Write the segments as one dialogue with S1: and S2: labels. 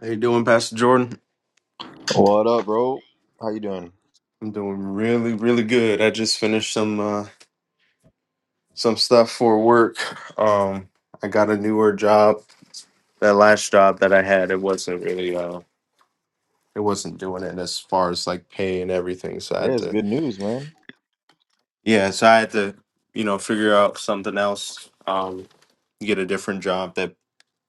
S1: How you doing, Pastor Jordan?
S2: What up, bro? How you doing?
S1: I'm doing really, really good. I just finished some uh, some stuff for work. Um, I got a newer job. That last job that I had, it wasn't really uh, it wasn't doing it as far as like pay and everything. So I
S2: Hey,
S1: had
S2: it's
S1: to,
S2: good news, man.
S1: yeah, so I had to, you know, figure out something else. Um, get a different job that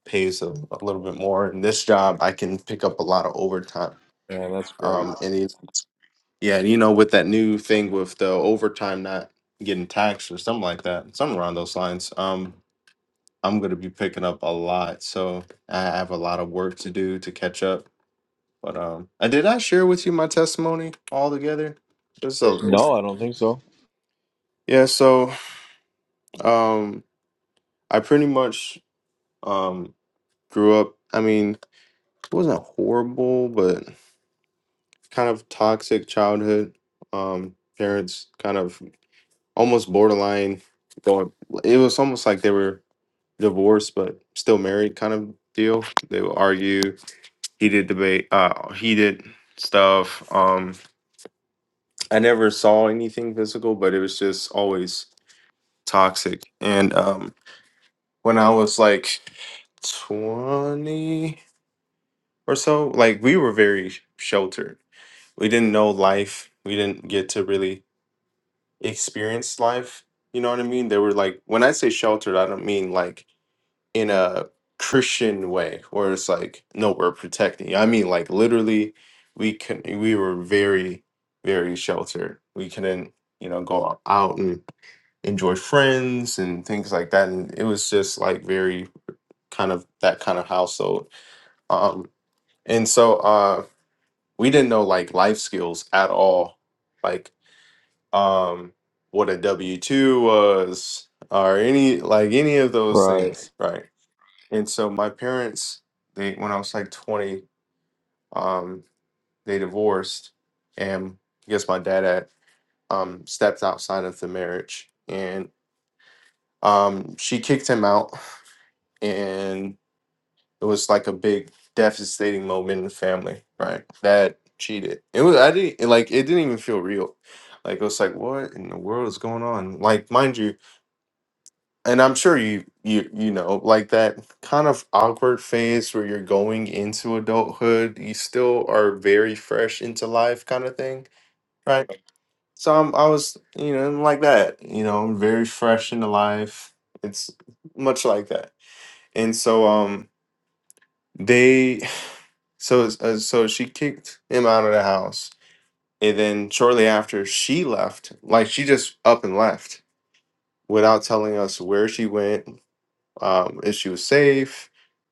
S1: pays a, a little bit more. And this job, I can pick up a lot of overtime.
S2: Man, that's great.
S1: Um, and it's Yeah, and you know, with that new thing with the overtime not getting taxed or something like that, something around those lines, um, I'm gonna be picking up a lot. So I have a lot of work to do to catch up. But um I did I share with you my testimony all together? Just a
S2: No,
S1: it's-
S2: I don't think so.
S1: yeah, so um I pretty much um grew up I mean, it wasn't horrible, but kind of toxic childhood. Um parents kind of almost borderline going. It was almost like they were divorced but still married, kind of deal. They would argue. heated debate. Uh, he stuff. Um, I never saw anything physical, but it was just always toxic. And um, when I was like twenty or so, like we were very sheltered. We didn't know life. We didn't get to really experience life. You know what I mean? They were like, when I say sheltered, I don't mean like in a Christian way, where it's like, no, we're protecting you. I mean, like literally, we can we were very, very sheltered. We couldn't, you know, go out and enjoy friends and things like that. And it was just like very kind of that kind of household. Um, and so uh, we didn't know like life skills at all, like um, what a W two was or any like any of those
S2: Right.
S1: things, right? And so my parents, they when I was like 20, um, they divorced, and I guess my dad had um, stepped outside of the marriage, and um, she kicked him out, and it was like a big devastating moment in the family. Right, dad cheated. It was I didn't like it didn't even feel real. Like it was like what in the world is going on? Like mind you, and I'm sure you you you know like that kind of awkward phase where you're going into adulthood, you still are very fresh into life kind of thing, right? So I'm I was, you know, like that, you know, I'm very fresh into life. It's much like that. And so um they so it's- uh, so she kicked him out of the house. And then shortly after she left, like she just up and left without telling us where she went, um, if she was safe,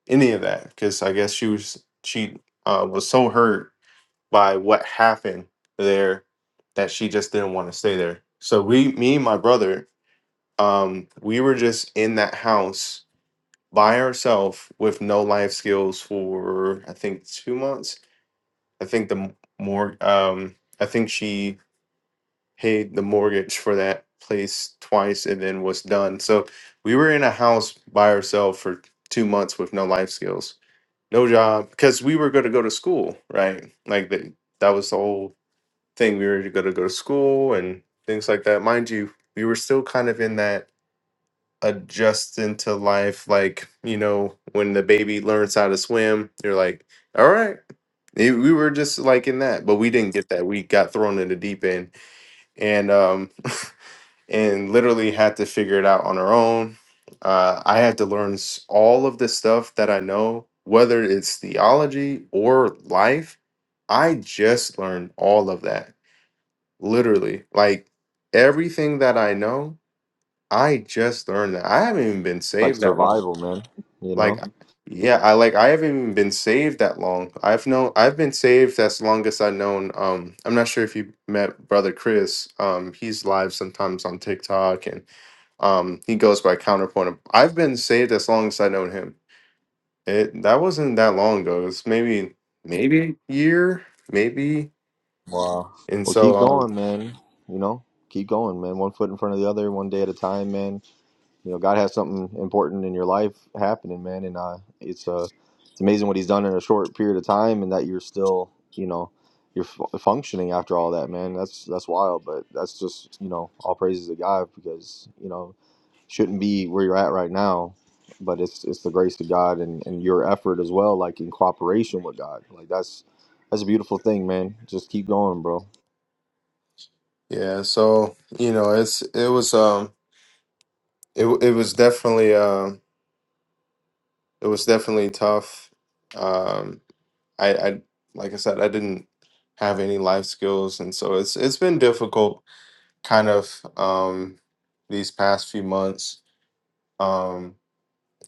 S1: any of that. Because I guess she was she uh, was so hurt by what happened there that she just didn't want to stay there. So we, me, and my brother, um, we were just in that house by ourselves with no life skills for I think two months. I think the m- more um, I think she paid the mortgage for that place twice and then was done. So we were in a house by ourselves for two months with no life skills, no job, because we were going to go to school, right? Like the, that was the whole thing. We were going to go to school and things like that. Mind you, we were still kind of in that adjusting to life. Like, you know, when the baby learns how to swim, you're like, all right. It- we were just like in that, but we didn't get that. We got thrown in the deep end. And, um, and literally had to figure it out on her own. Uh, I had to learn s- all of the stuff that I know, whether it's theology or life. I just learned all of that, literally. Like everything that I know, I just learned that. I haven't even been
S2: Like
S1: saved that long.
S2: survival, man. You
S1: Like,
S2: know?
S1: I- yeah, I like I haven't even been saved that long. I've known I've been saved as long as I've known. Um, I'm not sure if you met Brother Chris. Um, he's live sometimes on TikTok and um, he goes by Counterpoint. I've been saved as long as I known him. It that wasn't that long ago. It's maybe maybe year, maybe.
S2: Wow.
S1: And
S2: Well,
S1: so
S2: keep
S1: um
S2: going, man. You know? Keep going, man. One foot in front of the other, one day at a time, man. You know, God has something important in your life happening, man, and uh it's uh it's amazing what he's done in a short period of time and that you're still, you know, you're f- functioning after all that, man. That's that's wild, but that's just, you know, all praises to God because, you know, shouldn't be where you're at right now but it's it's the grace of god and and your effort as well like in cooperation with god like that's that's a beautiful thing man just keep going bro
S1: yeah, so you know, it's it was um it w- it was definitely um it was definitely tough. Um I I like I said I didn't have any life skills and so it's it's been difficult kind of um these past few months. Um,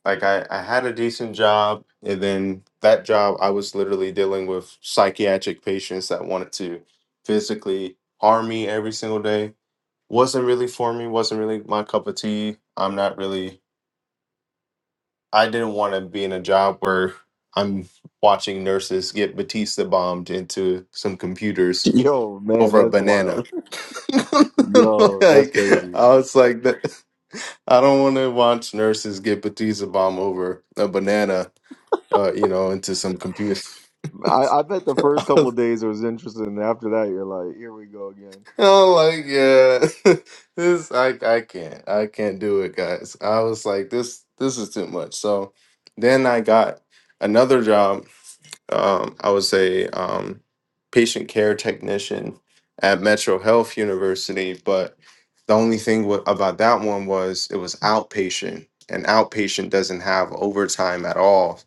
S1: like I, I had a decent job and then that job i was literally dealing with psychiatric patients that wanted to physically harm me every single day wasn't really for me wasn't really my cup of tea i'm not really i didn't want to be in a job where i'm watching nurses get batista bombed into some computers
S2: yo man
S1: over a
S2: that's
S1: banana
S2: wild yo that's
S1: like
S2: crazy
S1: i was like that i don't want to watch nurses get batista bomb over a banana uh, you know, into some computer.
S2: i i bet the first couple of days it was interesting and after that you're like here we go again
S1: I'm like, yeah, this I I can't I can't do it, guys. I was like, this this is too much. So then I got another job Um, I was a um, patient care technician at Metro Health University, but the only thing wa- about that one was it was outpatient, and outpatient doesn't have overtime at all.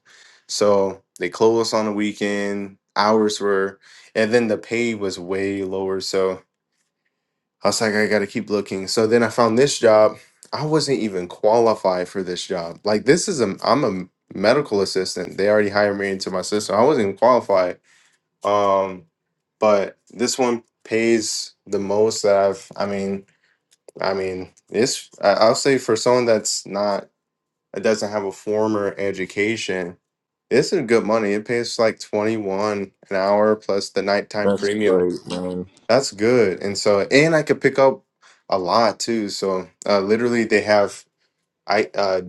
S1: So they closed us on the weekend. Hours were, and then the pay was way lower. So I was like, I got to keep looking. So then I found this job. I wasn't even qualified for this job. Like this is a, I'm a medical assistant. They already hired me into my system. I wasn't even qualified. Um, but this one pays the most that I've. I mean, I mean, it's. I- I'll say for someone that's not that doesn't have a former education, this is good money. It pays like twenty one an hour plus the nighttime
S2: that's
S1: premium.
S2: great man
S1: That's good, and so and I could pick up a lot too. So uh, literally, they have. I uh,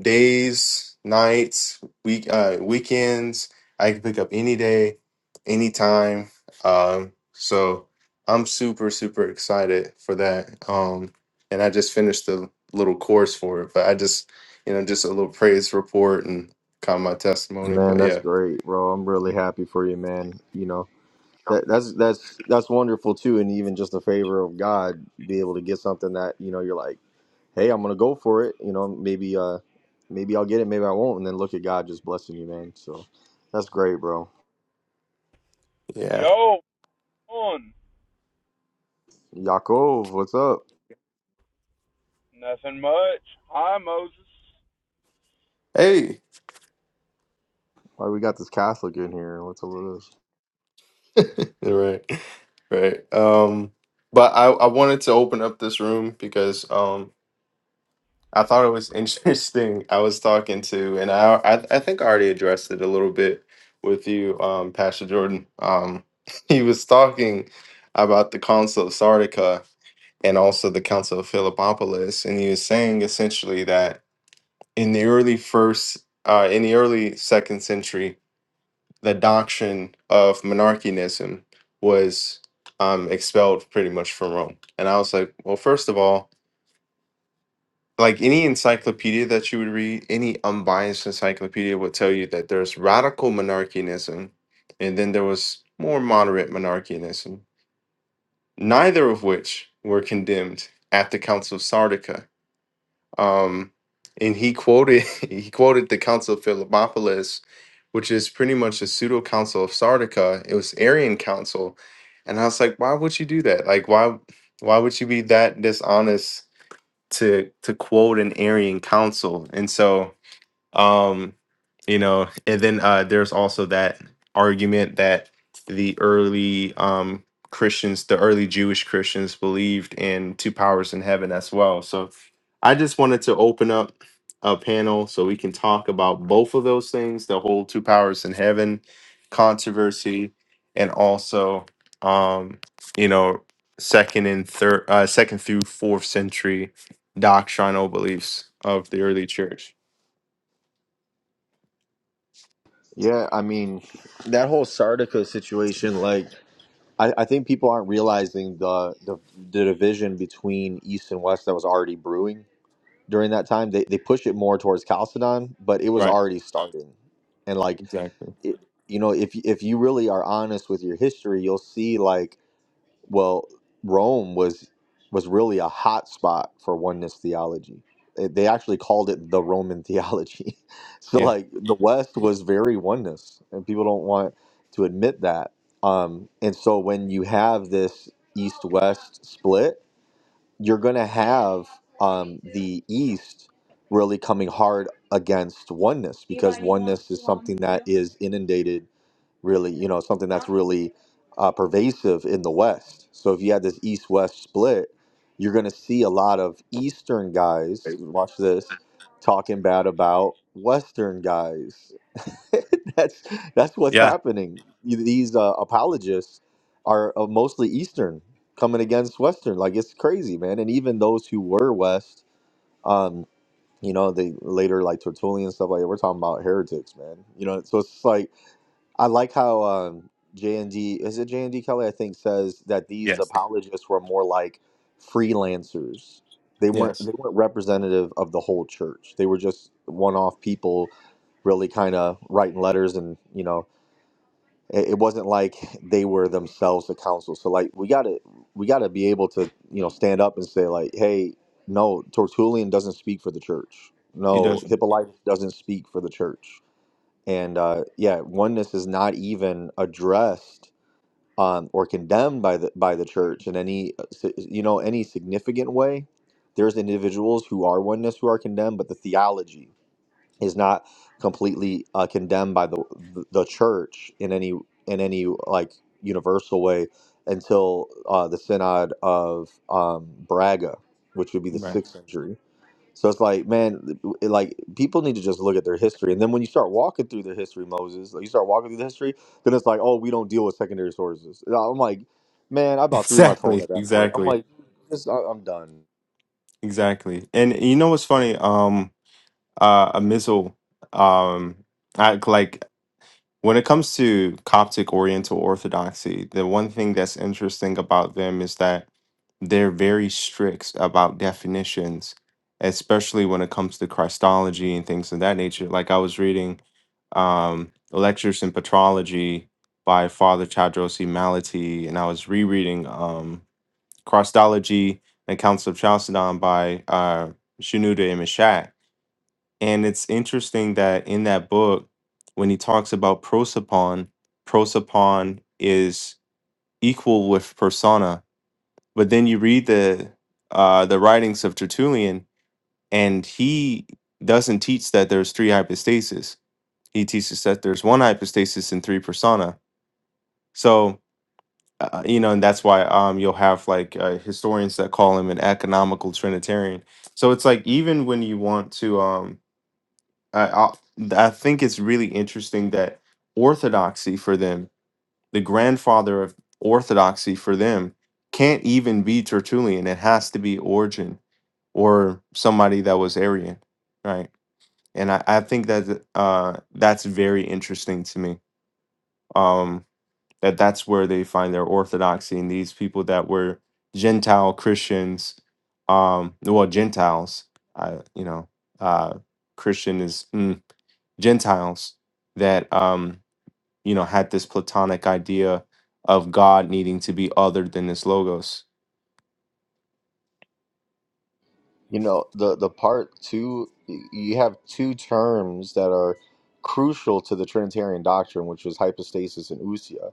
S1: days, nights, week, uh, weekends. I can pick up any day, anytime. Um, so I'm super, super excited for that. Um, and I just finished the little course for it, but I just, you know, just a little praise report and kind of my testimony.
S2: man
S1: But
S2: that's
S1: yeah,
S2: great bro i'm really happy for you man you know that, that's that's that's wonderful too and even just the favor of god be able to get something that you know you're like hey, I'm gonna go for it. You know, maybe uh, maybe I'll get it, maybe I won't, and then look at God just blessing you, man. So that's great, bro.
S1: yeah.
S3: Yo, on
S2: Yaakov, what's up?
S3: nothing much. Hi, Moses.
S1: Hey,
S2: Why we got this Catholic in here? What's up with this?
S1: right, right. Um, but I, I wanted to open up this room because um I thought it was interesting. I was talking to, and I, I, I think I already addressed it a little bit with you, um, Pastor Jordan. Um, he was talking about the Council of Sardica and also the Council of Philippopolis, and he was saying essentially that in the early first, uh, in the early second century, the doctrine of monarchianism was um, expelled pretty much from Rome. And I was like, well, first of all like any encyclopedia that you would read, any unbiased encyclopedia would tell you that there's radical monarchianism and then there was more moderate monarchianism, neither of which were condemned at the Council of Sardica. Um, and he quoted he quoted the Council of Philippopolis, which is pretty much a pseudo council of Sardica. It was Arian council, and I was like, why would you do that? Like, why why would you be that dishonest to to quote an Arian council. And so um you know and then uh there's also that argument that the early um christians the early jewish christians believed in two powers in heaven as well so i just wanted to open up a panel so we can talk about both of those things the whole two powers in heaven controversy and also um you know second and third uh second through fourth century doctrinal beliefs of the early church
S2: Yeah, I mean, that whole Sardica situation, like, I, I think people aren't realizing the, the the division between East and West that was already brewing during that time. They they push it more towards Chalcedon, but it was
S1: Right.
S2: already starting, and like,
S1: Exactly.
S2: it, you know, if you- if you really are honest with your history, you'll see like Well, Rome was was really a hot spot for oneness theology. They they actually called it the Roman theology. so
S1: Yeah.
S2: like the West was very oneness, and people don't want to admit that. Um, and so when you have this East-West split, you're going to have um, the East really coming hard against oneness because oneness is something that is inundated really, you know, something that's really uh, pervasive in the West. So if you had this East West split, you're going to see a lot of Eastern guys, watch this, talking bad about Western guys. that's that's what's
S1: Yeah.
S2: happening. These uh, apologists are uh, mostly Eastern coming against Western. Like it's crazy, man. And even those who were West, um, you know, they later like Tertullian and stuff like that. We're talking about heretics, man. You know, so it's like I like how um, J and D is it J and D Kelly I think says that these
S1: Yes.
S2: apologists were more like freelancers. They weren't
S1: Yes.
S2: they weren't representative of the whole church. They were just one off people, really kind of writing letters and you know it, it wasn't like they were themselves the council. So like we got to we got to be able to you know stand up and say like hey no Tertullian doesn't speak for the church.
S1: He
S2: No
S1: doesn't.
S2: Hippolytus doesn't speak for the church and uh, yeah, oneness is not even addressed um, or condemned by the by the church in any uh, si- uh, you know any significant way. There's individuals who are oneness who are condemned, but the theology is not completely uh, condemned by the the church in any in any like universal way until uh, the synod of um, Braga, which would be the
S1: Right.
S2: sixth century so it's like, man, it- like people need to just look at their history. And then when you start walking through the history, Moses, like you start walking through the history, then it's like, oh, we don't deal with secondary sources. And I'm like, man, I about threw my phone
S1: Exactly.
S2: at that point. I'm
S1: Exactly.
S2: like, this, I, I'm done.
S1: Exactly. And you know what's funny? Um, uh, a missile. Um, I like. When it comes to Coptic Oriental Orthodoxy, the one thing that's interesting about them is that they're very strict about definitions, especially when it comes to Christology and things of that nature. Like I was reading um, Lectures in Petrology by Father Chadrosi Malati, and I was rereading um, Christology and Council of Chalcedon by uh, Shenouda Imashat and it's interesting that in that book, when he talks about prosopon, prosopon is equal with persona. But then you read the uh, the writings of Tertullian, and he doesn't teach that there's three hypostases. He teaches that there's one hypostasis and three persona. So uh, uh, you know, and that's why um, you'll have like uh, historians that call him an economical Trinitarian. So it's like even when you want to um, I, I I think it's really interesting that orthodoxy for them, the grandfather of orthodoxy for them, can't even be Tertullian. It has to be Origen or somebody that was Arian, right? And I, I think that uh, that's very interesting to me. Um, that that's where they find their orthodoxy and these people that were Gentile Christians, um, well Gentiles. I you know uh, Christian is. mm, Gentiles that um, you know had this platonic idea of God needing to be other than this logos.
S2: You know, the the part two, y- you have two terms that are crucial to the Trinitarian doctrine, which is hypostasis and ousia.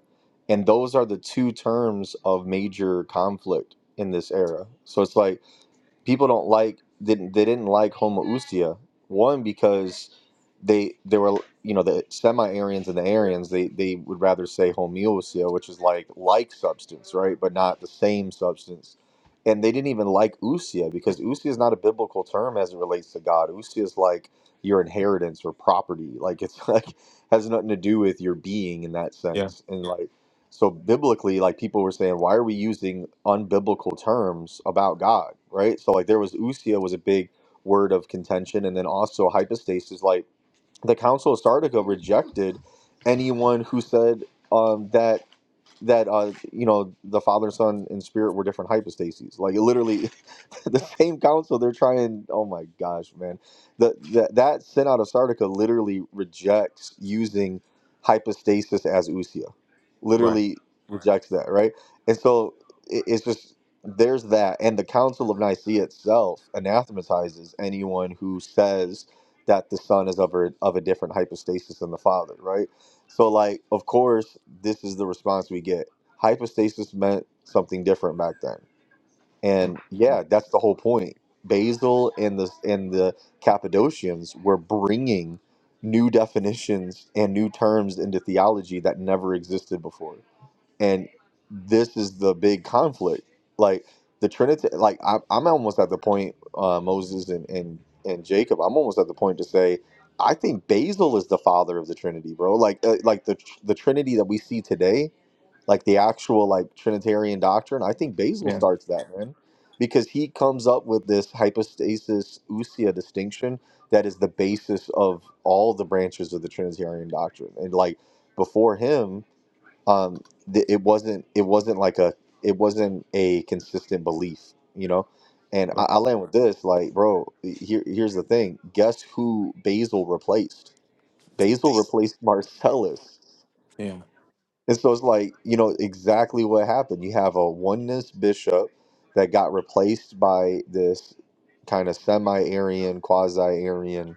S2: And those are the two terms of major conflict in this era. So it's like people don't like didn't they didn't like homoousia one because they they were you know the semi-aryans and the aryans they they would rather say homoousia which is like like substance right but not the same substance and they didn't even like ousia because ousia is not a biblical term as it relates to god ousia is like your inheritance or property like it's like has nothing to do with your being in that
S1: Yeah,
S2: sense and like so biblically, like people were saying, why are we using unbiblical terms about God, right? So like there was usia was a big word of contention, and then also hypostasis. Like the Council of Sardica rejected anyone who said um, that that uh, you know the Father, Son, and Spirit were different hypostases. Like it literally, the same council they're trying oh my gosh man the, the that synod of sardica literally rejects using hypostasis as usia
S1: right.
S2: literally rejects that right and so it, it's just there's that and the council of nicaea itself anathematizes anyone who says that the son is of a, of a different hypostasis than the father right so like of course this is the response we get hypostasis meant something different back then
S1: Yeah,
S2: and yeah, that's the whole point. Basil and the and the Cappadocians were bringing new definitions and new terms into theology that never existed before. And this is the big conflict. Like the Trinity, like I, I'm almost at the point, uh, Moses and, and and Jacob. I'm almost at the point to say, I think Basil is the father of the Trinity, bro. Like uh, like the the Trinity that we see today like the actual like Trinitarian doctrine. I think Basil
S1: yeah,
S2: starts that man because he comes up with this hypostasis usia distinction that is the basis of all the branches of the Trinitarian doctrine. And like before him, um, th- it wasn't it wasn't like a it wasn't a consistent belief, you know. And I, I
S1: right.
S2: land with this, like, bro. Here, here's the thing. Guess who Basil replaced? Basil replaced Marcellus.
S1: Yeah,
S2: And so it's like, you know, exactly what happened. You have a oneness bishop that got replaced by this kind of semi Arian, quasi Arian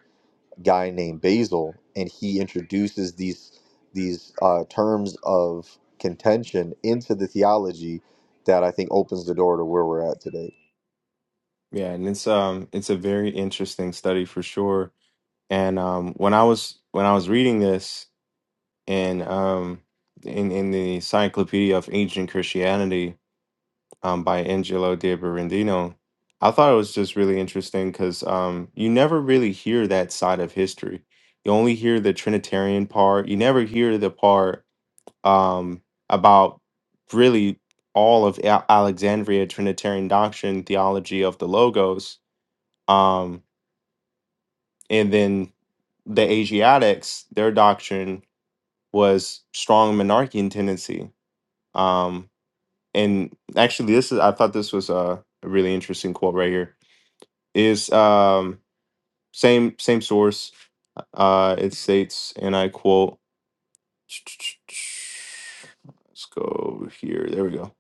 S2: guy named Basil, and he introduces these these uh, terms of contention into the theology that I think opens the door to where we're at today.
S1: yeah, and it's um it's a very interesting study for sure. And um, when I was when I was reading this in um in in the Encyclopedia of Ancient Christianity, um, by Angelo De Berendino. I thought it was just really interesting because um, you never really hear that side of history. You only hear the Trinitarian part. You never hear the part um, about really all of A- Alexandria Trinitarian doctrine, theology of the Logos, um, and then the Asiatics. Their doctrine was strong monarchian tendency. Um, and actually, this is I thought this was a really interesting quote right here is um same same source. Uh, it states, and I quote. Let's go over here. There we go.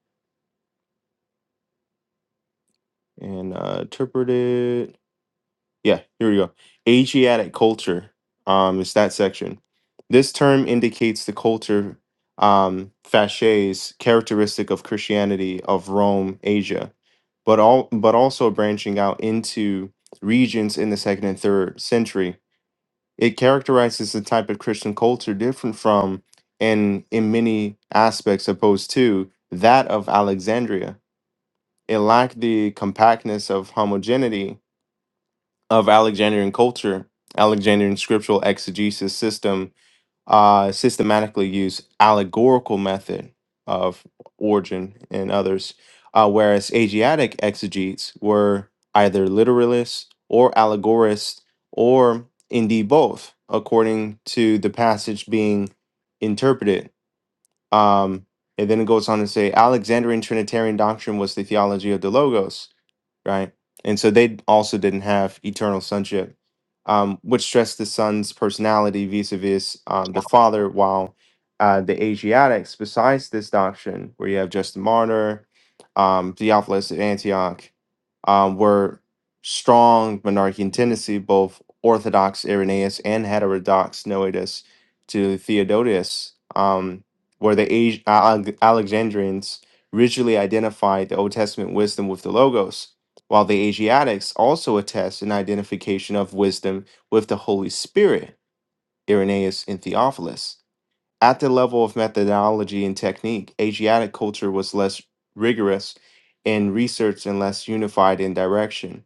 S1: And uh, interpret it. Yeah, here we go. Asiatic culture. Um, it's that section. This term indicates the culture um, facies characteristic of Christianity of Rome, Asia, but all but also branching out into regions in the second and third century It characterizes the type of Christian culture different from and in many aspects opposed to that of Alexandria. It lacked the compactness of homogeneity of Alexandrian culture, Alexandrian scriptural exegesis system, uh, systematically use allegorical method of origin and others, uh, whereas Asiatic exegetes were either literalists or allegorists, or indeed both, according to the passage being interpreted. Um, and then it goes on to say Alexandrian Trinitarian doctrine was the theology of the Logos right? And so they also didn't have eternal sonship, um, which stressed the son's personality vis-a-vis um, the father. While uh, the Asiatics, besides this doctrine, where you have Justin Martyr, um, Theophilus of Antioch, um, were strong monarchian tendency, both Orthodox Irenaeus and heterodox Noetus to Theodotus, um, where the Asi- Alexandrians rigidly identified the Old Testament wisdom with the Logos while the Asiatics also attest an identification of wisdom with the Holy Spirit, Irenaeus and Theophilus. At the level of methodology and technique, Asiatic culture was less rigorous in research and less unified in direction.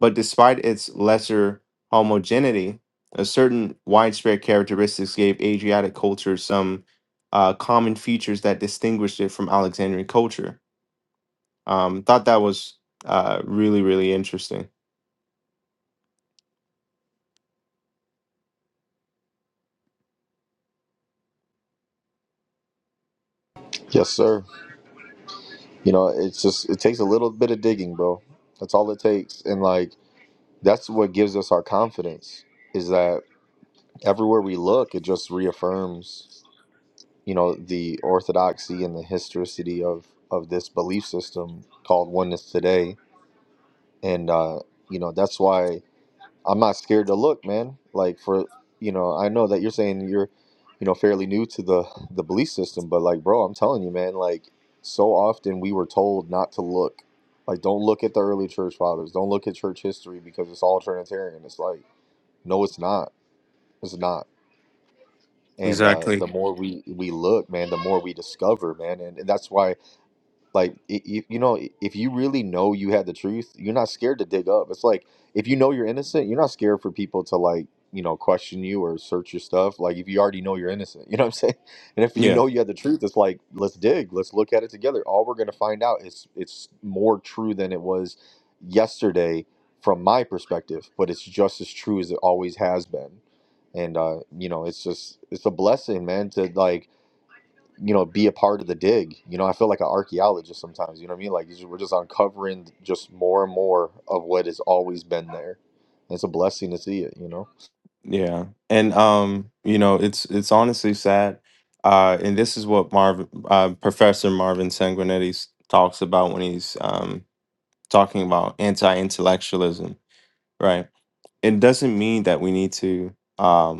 S1: But despite its lesser homogeneity, a certain widespread characteristics gave Asiatic culture some uh, common features that distinguished it from Alexandrian culture. Um, thought that was uh, really, really interesting.
S2: Yes, sir. You know, it's just it takes a little bit of digging, bro. That's all it takes. And like that's what gives us our confidence is that everywhere we look, it just reaffirms, you know, the orthodoxy and the historicity of of this belief system called oneness today. And uh, you know, that's why I'm not scared to look, man. Like for you know, I know that you're saying you're, you know, fairly new to the the belief system, but like, bro, I'm telling you, man, like so often we were told not to look. Like, don't look at the early church fathers. Don't look at church history because it's all Trinitarian. It's like, no, it's not. It's not and uh,
S1: Exactly.
S2: the more we we look man the more we discover man and, and that's why like y- you, you know, if you really know you had the truth, you're not scared to dig up. It's like if you know you're innocent, you're not scared for people to like you know question you or search your stuff. Like if you already know you're innocent, you know what I'm saying. And if you
S1: Yeah.
S2: know you had the truth, it's like let's dig, let's look at it together. All we're gonna find out is it's more true than it was yesterday from my perspective, but it's just as true as it always has been. And uh, you know, it's just it's a blessing, man, to like you know, be a part of the dig. You know, I feel like an archaeologist sometimes. You know what I mean? Like we're just uncovering just more and more of what has always been there. And it's a blessing to see it. You know,
S1: Yeah. And um, you know, it's it's honestly sad. Uh, and this is what Marvin, uh, Professor Marvin Sanguinetti s- talks about when he's um, talking about anti-intellectualism, right? It doesn't mean that we need to. um.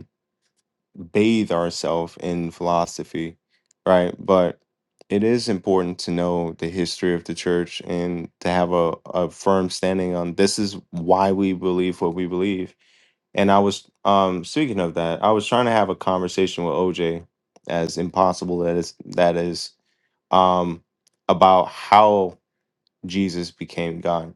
S1: bathe ourselves in philosophy, right? But it is important to know the history of the church and to have a, a firm standing on this is why we believe what we believe. And I was um speaking of that, I was trying to have a conversation with OJ, as impossible that is that is, um, about how Jesus became God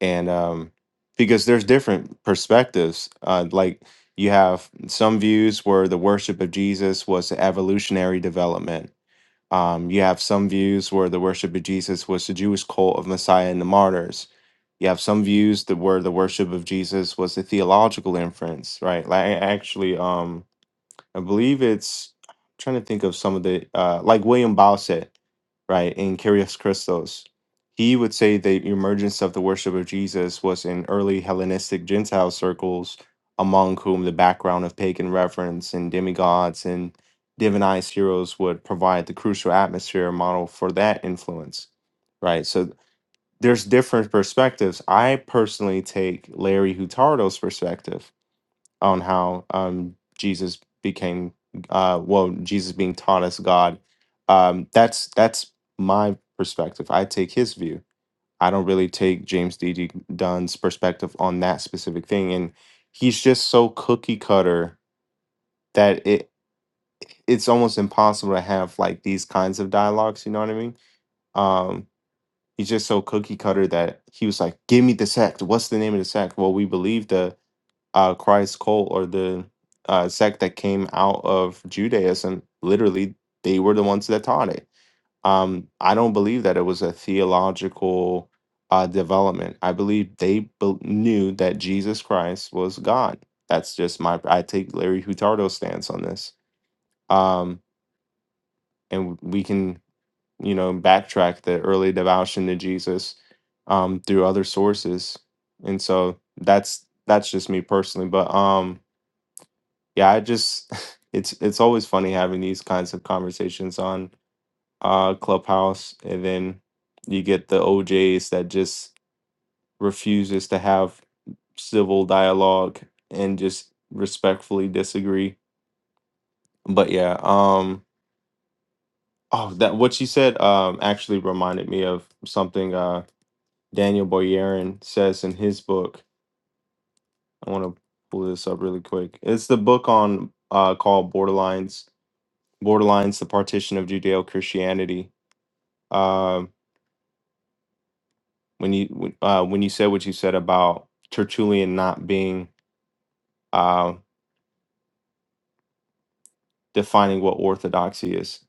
S1: and um, because there's different perspectives uh, like you have some views where the worship of jesus was evolutionary development um, you have some views where the worship of jesus was the jewish cult of messiah and the martyrs you have some views that where the worship of jesus was a theological inference right like actually um, I believe it's I'm trying to think of some of the uh, like William Bowsett, right? In Kyrios Christos, he would say the emergence of the worship of Jesus was in early Hellenistic Gentile circles, among whom the background of pagan reverence and demigods and divinized heroes would provide the crucial atmosphere and model for that influence, right? So there's different perspectives. I personally take Larry Hutardo's perspective on how um, Jesus became, uh, well, Jesus being taught as God. Um, that's that's my perspective. I take his view. I don't really take James D. D. Dunn's perspective on that specific thing, and he's just so cookie cutter that it it's almost impossible to have like these kinds of dialogues. You know what I mean? Um, he's just so cookie cutter that he was like, "Give me the sect. What's the name of the sect?" Well, we believe the uh, Christ cult or the uh, sect that came out of Judaism, literally, they were the ones that taught it. Um, I don't believe that it was a theological uh, development. I believe they bel knew that Jesus Christ was God. That's just my. I take Larry Hutardo's stance on this. Um, and we can, you know, backtrack the early devotion to Jesus um, through other sources. And so that's that's just me personally. But um, yeah i just it's it's always funny having these kinds of conversations on uh clubhouse and then you get the ojs that just refuses to have civil dialogue and just respectfully disagree but yeah um oh that what she said um actually reminded me of something uh daniel boyarin says in his book i want to pull this up really quick it's the book on uh called borderlines borderlines the partition of judeo-christianity um, when you when- uh, when you said what you said about Tertullian not being uh, defining what orthodoxy is.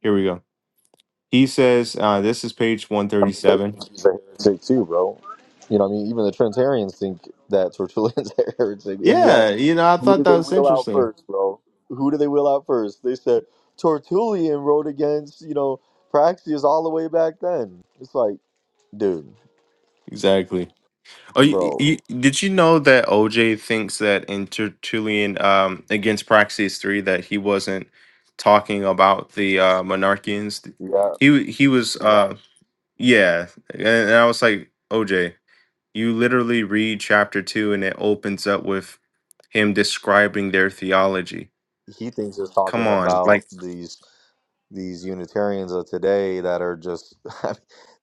S1: Here we go. He says uh, this is page one
S2: I
S1: thirty
S2: mean, they
S1: seven.
S2: think she's a heretic too, bro. You know, what I mean, even the Trinitarians think that Tertullian's a heretic. And yet,
S1: Yeah, you know, I
S2: who
S1: thought
S2: did
S1: that
S2: they
S1: was
S2: wheel out
S1: interesting.
S2: first, bro? Who did they wheel out first? They said Tertullian wrote against you know Praxius all the way back then. It's like, dude,
S1: Exactly. Oh, you,
S2: bro,
S1: you, did you know that OJ thinks that in Tertullian um, against Praxis three that he wasn't talking about the uh, monarchians?
S2: yeah,
S1: He w- he was uh, yeah, and, and I was like OJ. You literally read chapter two and it opens up with him describing their theology.
S2: he thinks it's
S1: Come
S2: talking
S1: on, like
S2: about these these Unitarians of today that are just I mean,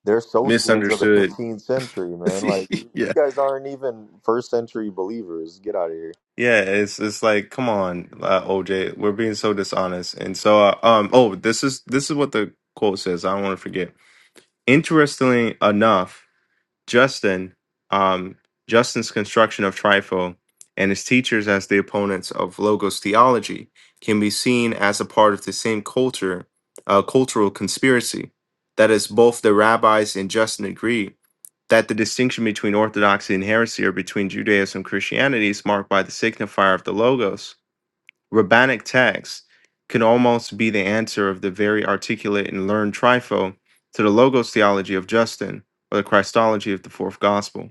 S2: they're Socians of the
S1: misunderstood.
S2: 15th century, man. Like you you
S1: yeah,
S2: guys aren't even first century believers. Get out of here.
S1: yeah. It's it's like come on, uh, OJ. We're being so dishonest. And so, uh, um, oh, this is this is what the quote says. I don't want to forget. Interestingly enough, Justin, um, Justin's construction of trifo and his teachers as the opponents of logos theology can be seen as a part of the same culture, uh, cultural conspiracy. That is, both the rabbis and Justin agree that the distinction between orthodoxy and heresy or between Judaism and Christianity is marked by the signifier of the logos Rabbinic texts can almost be the answer of the very articulate and learned Trifo to the Logos theology of Justin or the Christology of the fourth gospel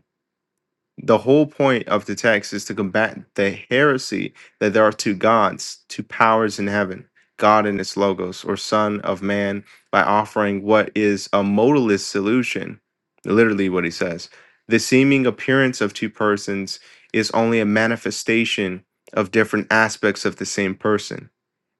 S1: the whole point of the text is to combat the heresy that there are two gods, two powers in heaven, God and its logos, or Son of Man, by offering what is a modalist solution, literally what he says. The seeming appearance of two persons is only a manifestation of different aspects of the same person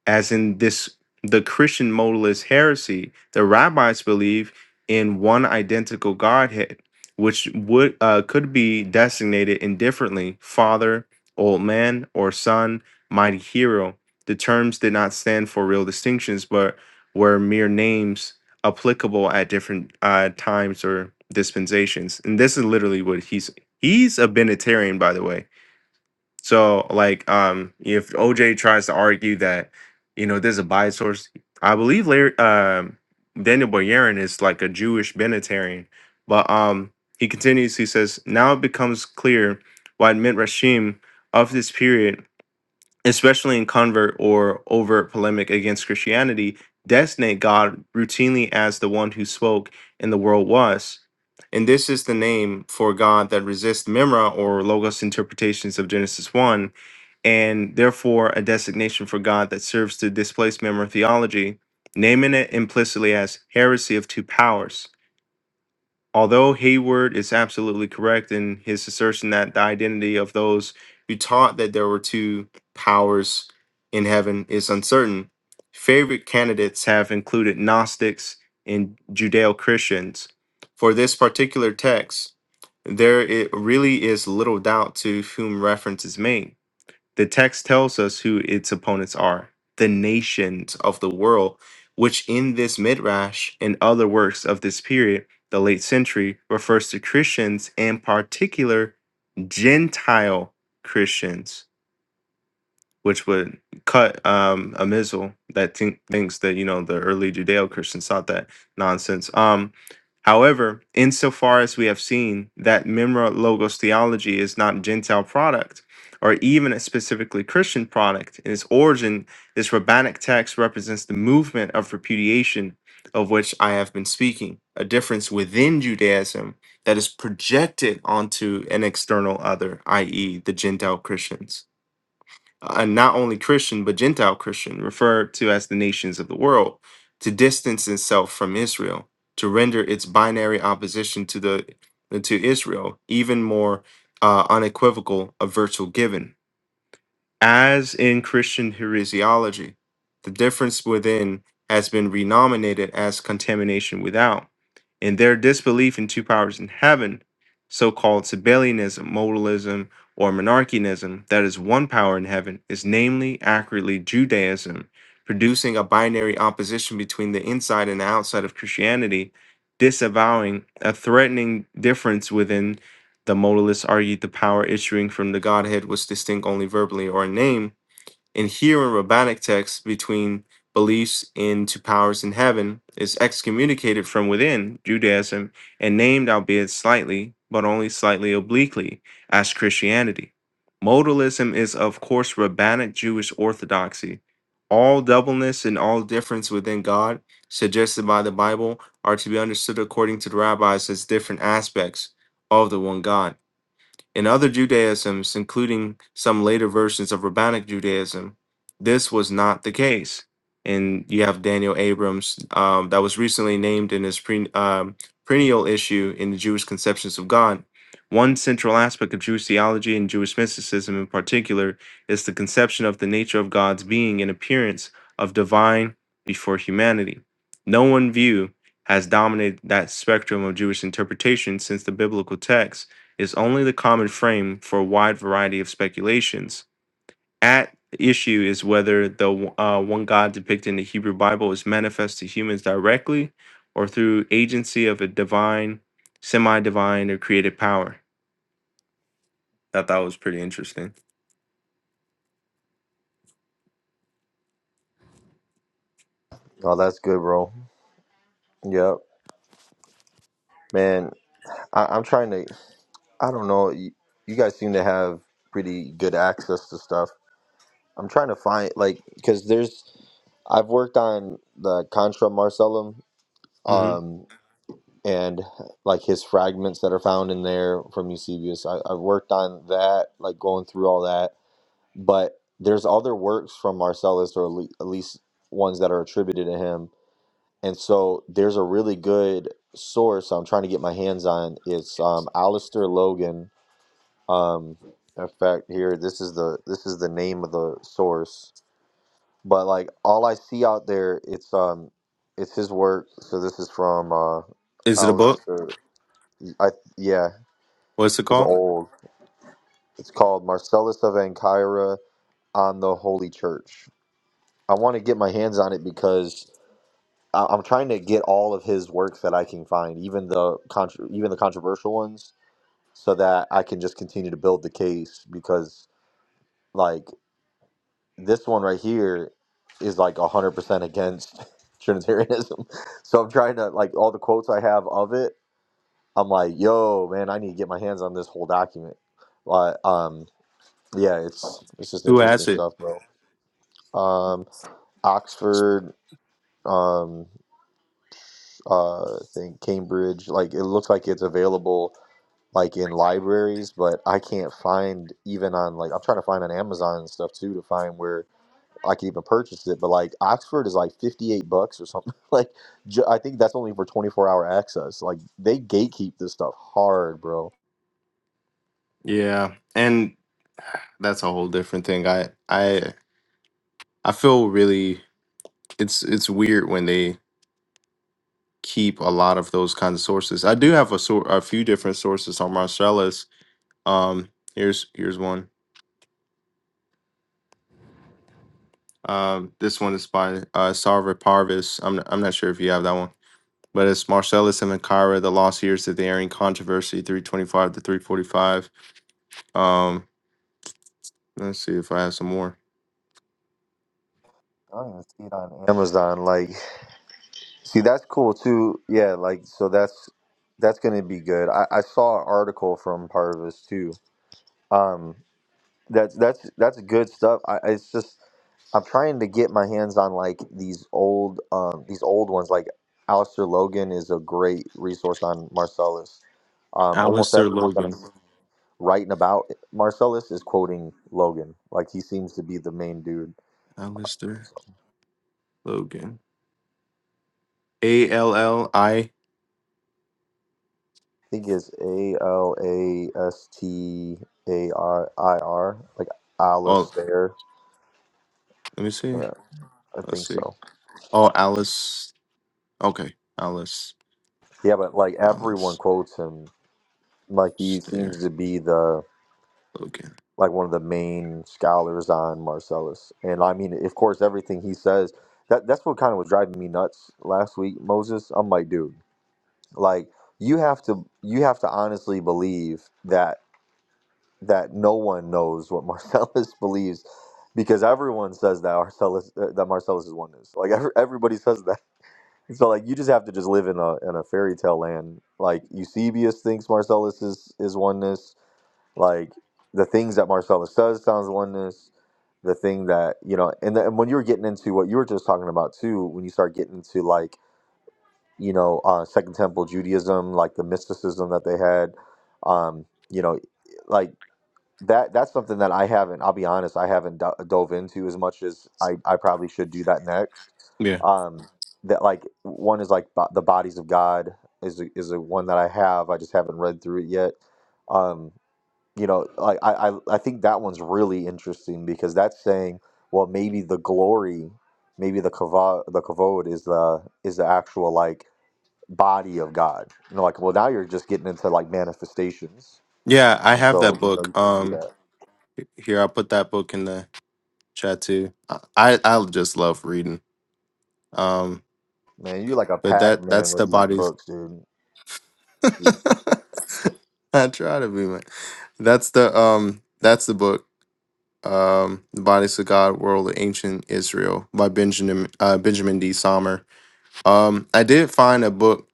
S1: as in this the Christian modalist heresy, the rabbis believe in one identical Godhead, which would uh, could be designated indifferently Father, Old Man, or Son, Mighty Hero. The terms did not stand for real distinctions, but were mere names applicable at different uh, times or dispensations. And this is literally what he's he's a Benitarian, by the way so like um if OJ tries to argue that you know there's a bias source, I believe Larry um Daniel Boyarin is like a Jewish Benatarian. But um he continues, he says, Now it becomes clear why Midrashim of this period especially in convert or overt polemic against Christianity, designate God routinely as the one who spoke and the world was. And this is the name for God that resists Memra or Logos interpretations of Genesis 1, and therefore a designation for God that serves to displace Memra theology, naming it implicitly as heresy of two powers. Although Hayward is absolutely correct in his assertion that the identity of those who taught that there were two powers in heaven is uncertain, favorite candidates have included Gnostics and Judeo Christians. For this particular text, there it really is little doubt to whom reference is made. The text tells us who its opponents are the nations of the world, which in this midrash and other works of this period, the late century, refers to Christians and particular Gentile Christians which would cut um, a missile that think, thinks that you know the early Judeo-Christians thought that nonsense. Um, however, insofar as we have seen that memra logos theology is not a Gentile product or even a specifically Christian product, in its origin, this rabbinic text represents the movement of repudiation of which I have been speaking, a difference within Judaism that is projected onto an external other, i.e., the Gentile Christians and not only Christian, but Gentile Christian, referred to as the nations of the world, to distance itself from Israel, to render its binary opposition to the to Israel even more uh, unequivocal, a virtual given as in Christian heresiology, the difference within has been renominated as contamination without. In their disbelief in two powers in heaven, so called Sabellianism, modalism, or monarchianism, that is one power in heaven, is namely accurately Judaism, producing a binary opposition between the inside and outside of Christianity, disavowing a threatening difference within the modalists argued the power issuing from the Godhead was distinct only verbally or in name. And here in rabbinic texts, between beliefs into powers in heaven is excommunicated from within Judaism and named, albeit slightly, but only slightly obliquely, as Christianity. Modalism is, of course, rabbinic Jewish orthodoxy. All doubleness and all difference within God suggested by the Bible are to be understood according to the rabbis as different aspects of the one God. In other Judaisms, including some later versions of Rabbinic Judaism, this was not the case. And you have Daniel Abrams, um, that was recently named in his pre, um, perennial issue in the Jewish Conceptions of God. One central aspect of Jewish theology and Jewish mysticism in particular is the conception of the nature of God's being and appearance of divine before humanity. No one view has dominated that spectrum of Jewish interpretation since the biblical text is only the common frame for a wide variety of speculations. At issue is whether the uh, one God depicted in the Hebrew Bible is manifest to humans directly or through agency of a divine, semi divine, or creative power. I thought was pretty interesting.
S2: Oh, that's good, bro. Yep, man. I, I'm trying to. I don't know. You, you guys seem to have pretty good access to stuff. I'm trying to find like because there's. I've worked on the Contra Marcellum.
S1: hmm
S2: Um, and like his fragments that are found in there from Eusebius. I, I've worked on that, like going through all that. But there's other works from Marcellus, or at least ones that are attributed to him. And so there's a really good source I'm trying to get my hands on. It's um, Alistair Logan. Um, in fact, here this is the this is the name of the source. But like all I see out there, it's um, it's his work. So this is from uh,
S1: Is it a book?
S2: Alistair. I yeah,
S1: What's it
S2: it's
S1: called?
S2: old. It's called Marcellus of Ancyra on the Holy Church. I want to get my hands on it because I- I'm trying to get all of his works that I can find, even the contr even the controversial ones, so that I can just continue to build the case. Because like this one right here is like 100% against Trinitarianism, so I'm trying to like all the quotes I have of it. I'm like, yo, man, I need to get my hands on this whole document. Uh, um, Yeah, it's it's just
S1: Who
S2: interesting
S1: has it?
S2: stuff, bro. Um, Oxford, um, uh, I think Cambridge. Like it looks like it's available like in libraries, but I can't find even on like I'm trying to find on Amazon and stuff too to find where I could even purchase it. But like Oxford is like 58 bucks or something. Like ju- I think that's only for 24 hour access. Like they gatekeep this stuff hard, bro.
S1: Yeah. And that's a whole different thing. I, I, I feel really it's it's weird when they keep a lot of those kinds of sources. I do have a sor- a few different sources on Marcellus. Um, here's here's one. Um, this one is by uh, Sarva Parvis. I'm I'm not sure if you have that one, but it's Marcellus and Macaira, the lost years of the Aryan controversy, 325 to 345. Um, let's see if I have some more.
S2: I don't even see it on Amazon. Like See, that's cool too. Yeah, like so that's that's gonna be good. I, I saw an article from Parvis too. Um, that's that's that's good stuff. I, it's just I'm trying to get my hands on like these old um these old ones. Like Alistair Logan is a great resource on Marcellus. Um, almost
S1: Alistair
S2: everyone
S1: Logan.
S2: that's writing about Marcellus is quoting Logan. Like he seems to be the main dude.
S1: Alistair Logan. A L L I.
S2: think it's A L A S T A R I R, like
S1: Oh,
S2: Alistair.
S1: let me see.
S2: Yeah, I
S1: Let's
S2: think
S1: see.
S2: so.
S1: Oh, Alice. Okay, Alice.
S2: Yeah, but like everyone
S1: Alice.
S2: quotes him. Like he
S1: Stare.
S2: seems to be the
S1: Okay.
S2: like one of the main scholars on Marcellus. And I mean, of course, everything he says. That that's what kind of was driving me nuts last week, Moses. I'm like, dude, like you have to you have to honestly believe that. that no one knows what Marcellus believes because everyone says that Marcellus uh, that Marcellus is oneness. Like every, everybody says that. So like you just have to just live in a in a fairy tale land. Like Eusebius thinks Marcellus is is oneness. Like the things that Marcellus says sounds oneness. The thing that you know, and, the, and when you're getting into what you were just talking about too, when you start getting into like you know uh, Second Temple Judaism, like the mysticism that they had, um, you know, like that that's something that I haven't. I'll be honest, I haven't do- dove into as much as I I probably should do that next.
S1: Yeah.
S2: Um, that like one is like bo- the bodies of God is a, is a one that I have. I just haven't read through it yet. Um, you know, like I, I I think that one's really interesting because that's saying well maybe the glory, maybe the kavod the kavod is the is the actual like body of God. You know, like well now you're just getting into like manifestations,
S1: Yeah, I
S2: and
S1: have
S2: so
S1: that
S2: you know
S1: book.
S2: you can see
S1: Um
S2: that.
S1: here I'll put that book in the chat too. I I I just love reading. Um
S2: Man, you like a
S1: but that
S2: Pac-Man
S1: that's the
S2: with these
S1: body's
S2: books, dude. These-
S1: I try to be man. That's the um that's the book. Um The Bodies of God World of Ancient Israel by Benjamin uh Benjamin D. Sommer. Um I did find a book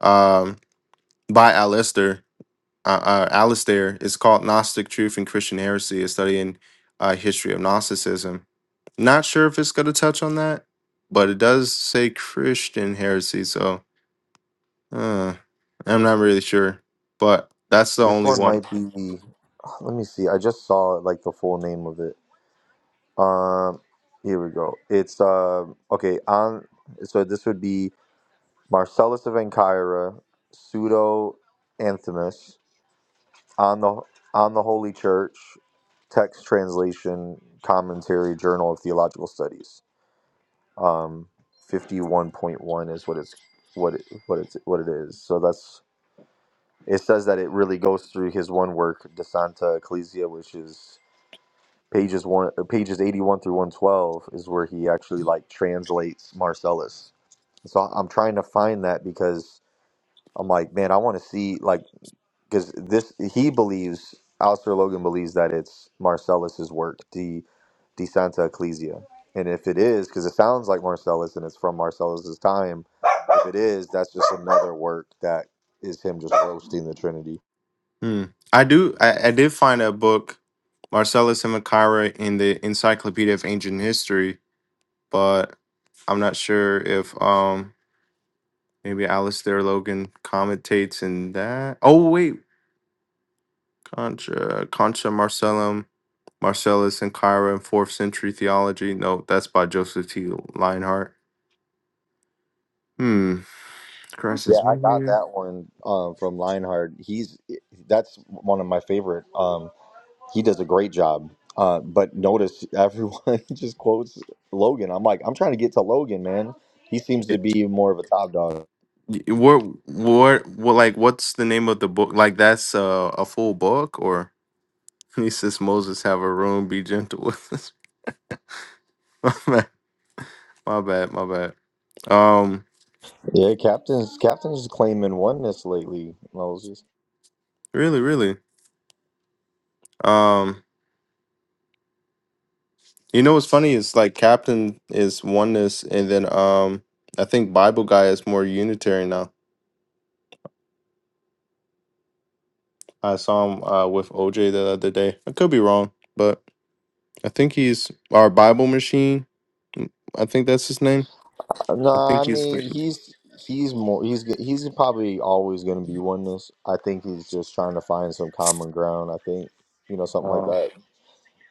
S1: um by Alistair. uh, uh, Alistair. It's called Gnostic Truth and Christian Heresy, a study in uh, history of Gnosticism. Not sure if it's going to touch on that, but it does say Christian heresy, so uh, I'm not really sure. But that's the
S2: This
S1: only
S2: one
S1: one.
S2: might be. Let me see. I just saw like the full name of it. Um, here we go. It's uh okay. On so this would be Marcellus of Ancyra, pseudo Anthemus on the on the Holy Church, text translation, commentary, Journal of Theological Studies. Um, fifty one point one is what it's what it, what it's what it is. So that's It says that it really goes through his one work, De Santa Ecclesia, which is pages one, uh, pages eighty-one through one twelve, is where he actually like translates Marcellus. So I'm trying to find that because I'm like, man, I want to see like because this he believes Alistair Logan believes that it's Marcellus's work, De De Santa Ecclesia, and if it is, because it sounds like Marcellus and it's from Marcellus's time, if it is, that's just another work that is him just roasting the Trinity.
S1: Hmm. I do. I, I did find a book, Marcellus Himakaira, in the Encyclopedia of Ancient History, but I'm not sure if um maybe Alistair Logan commentates in that. Oh wait, Contra, Contra Marcellum, Marcellus, and Kyra in fourth century theology. No, that's by Joseph T. Lionheart. Hmm. Christ
S2: Yeah,
S1: is
S2: I got
S1: meteor.
S2: that one um, from Lionheart. He's that's one of my favorite. Um, he does a great job. Uh, but notice everyone just quotes Logan. I'm like, I'm trying to get to Logan, man. He seems to be more of a top dog.
S1: What, what, what, like, what's the name of the book? Like, that's uh, a full book, or he says, Moses, have a room, be gentle with us. my bad, my bad, my bad. Um,
S2: Yeah, captain's captain's claiming oneness lately. Moses.
S1: really, really. Um, you know what's funny is like Captain is oneness, and then um, I think Bible guy is more Unitarian now. I saw him uh, with OJ the other day. I could be wrong, but I think he's our Bible machine. Mm, I think that's his name.
S2: No,
S1: I think
S2: I
S1: he's the.
S2: mean he's he's more he's g- he's probably always going to be oneness. I think he's just trying to find some common ground. I think you know something like
S1: Uh,
S2: that.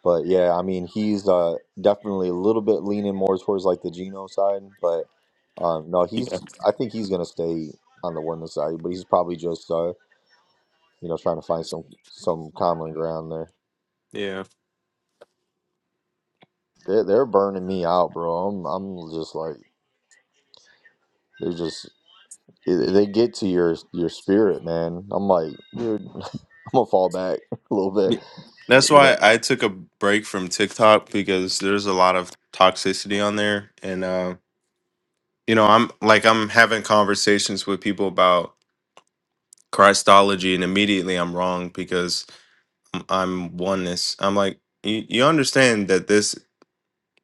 S2: But yeah, I mean, he's uh, definitely a little bit leaning more towards like the Geno side, but um, no,
S1: yeah.
S2: he's. I think he's gonna stay on the Wendell side, but he's probably just uh, you know trying to find some some common ground there.
S1: Yeah.
S2: They're, they're burning me out, bro. I'm I'm just like they're just they they get to your your spirit, man. I'm like, dude, I'm gonna fall back a little
S1: Y-
S2: bit,
S1: That's
S2: you
S1: why
S2: know.
S1: I took a break from TikTok because there's a lot of toxicity on there. And, uh, you know, I'm like, I'm having conversations with people about Christology, and immediately I'm wrong because I'm I'm oneness. I'm like, you, you understand that this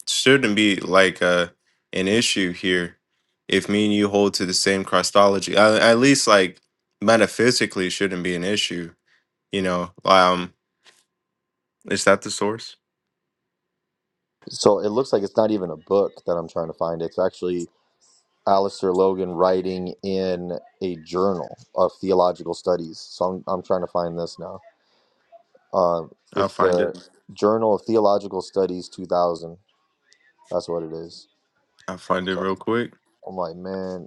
S1: shouldn't be like uh, an issue here if me and you hold to the same Christology. At, at least like metaphysically shouldn't be an issue. You know, um, is that the source?
S2: So it looks like it's not even a book that I'm trying to find. It's actually Alistair Logan writing in a journal of theological studies. So I'm, I'm trying to find this now. Um,
S1: I'll
S2: it's
S1: find it.
S2: the Journal of Theological Studies 2000. That's what it is.
S1: I'll find it
S2: So
S1: real quick.
S2: I'm like, man,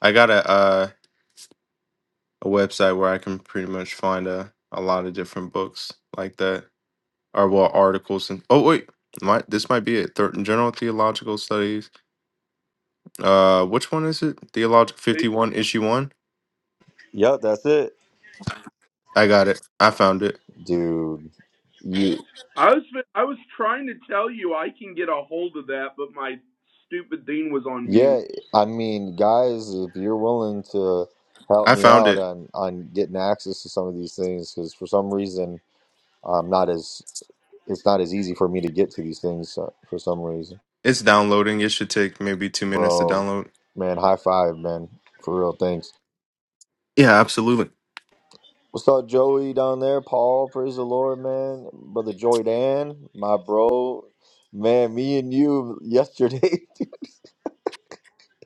S1: I got a uh, a website where I can pretty much find a, a lot of different books like that, or well, articles and oh wait, might this might be it. Thir- General theological studies. Uh, which one is it? Theological
S3: Hey,
S1: fifty one issue one.
S2: yep, that's it,
S1: I got it. I found it.
S2: dude. You,
S3: I was I was trying to tell you I can get a hold of that, but my stupid thing was on
S2: yeah,
S3: mute.
S2: I mean, guys, if you're willing to help
S1: I
S2: me
S1: found
S2: out
S1: it.
S2: on on getting access to some of these things, because for some reason, I'm not as it's not as easy for me to get to these things uh, for some reason.
S1: It's downloading. It should take maybe two minutes to
S2: bro.
S1: download.
S2: Man, high five, man. For real, thanks.
S1: Yeah, absolutely.
S2: What's up, Joey down there? Paul, praise the Lord, man. Brother Joy Dan, my bro. Man, me and you yesterday,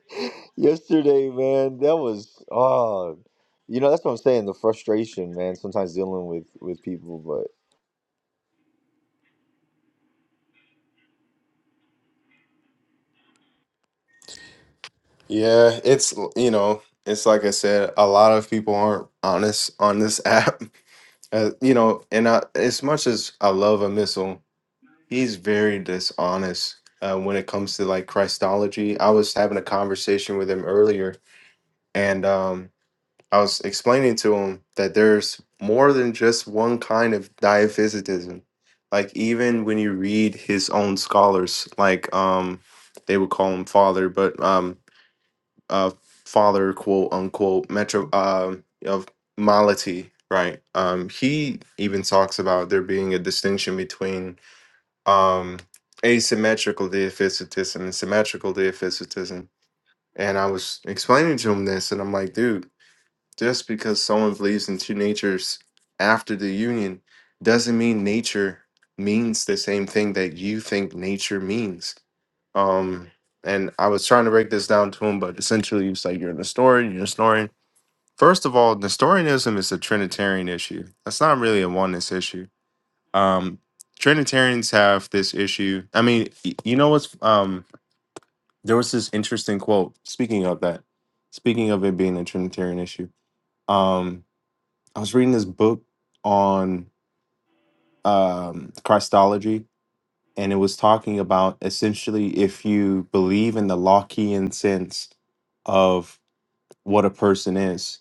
S2: yesterday, man, that was, oh, you know, that's what I'm saying. The frustration, man, sometimes dealing with, with people. But,
S1: Yeah, it's you know, it's like I said, a lot of people aren't honest on this app. Uh, you know, and I, as much as I love a missile, he's very dishonest uh, when it comes to like Christology. I was having a conversation with him earlier, and um, I was explaining to him that there's more than just one kind of diaphysitism. Like even when you read his own scholars, like um they would call him father, but um uh father quote unquote metro uh, of mality, right? Um he even talks about there being a distinction between um asymmetrical diaphysitism and symmetrical diaphysitism. And I was explaining to him this and I'm like, dude, just because someone believes in two natures after the union doesn't mean nature means the same thing that you think nature means. Um, and I was trying to break this down to him, but essentially it's like you're a Nestorian, you're a Nestorian. First of all, Nestorianism is a Trinitarian issue. That's not really a oneness issue. Um, Trinitarians have this issue. I mean, y- you know what's um there was this interesting quote, speaking of that, speaking of it being a Trinitarian issue. Um, I was reading this book on um, Christology, and it was talking about essentially if you believe in the Lockean sense of what a person is,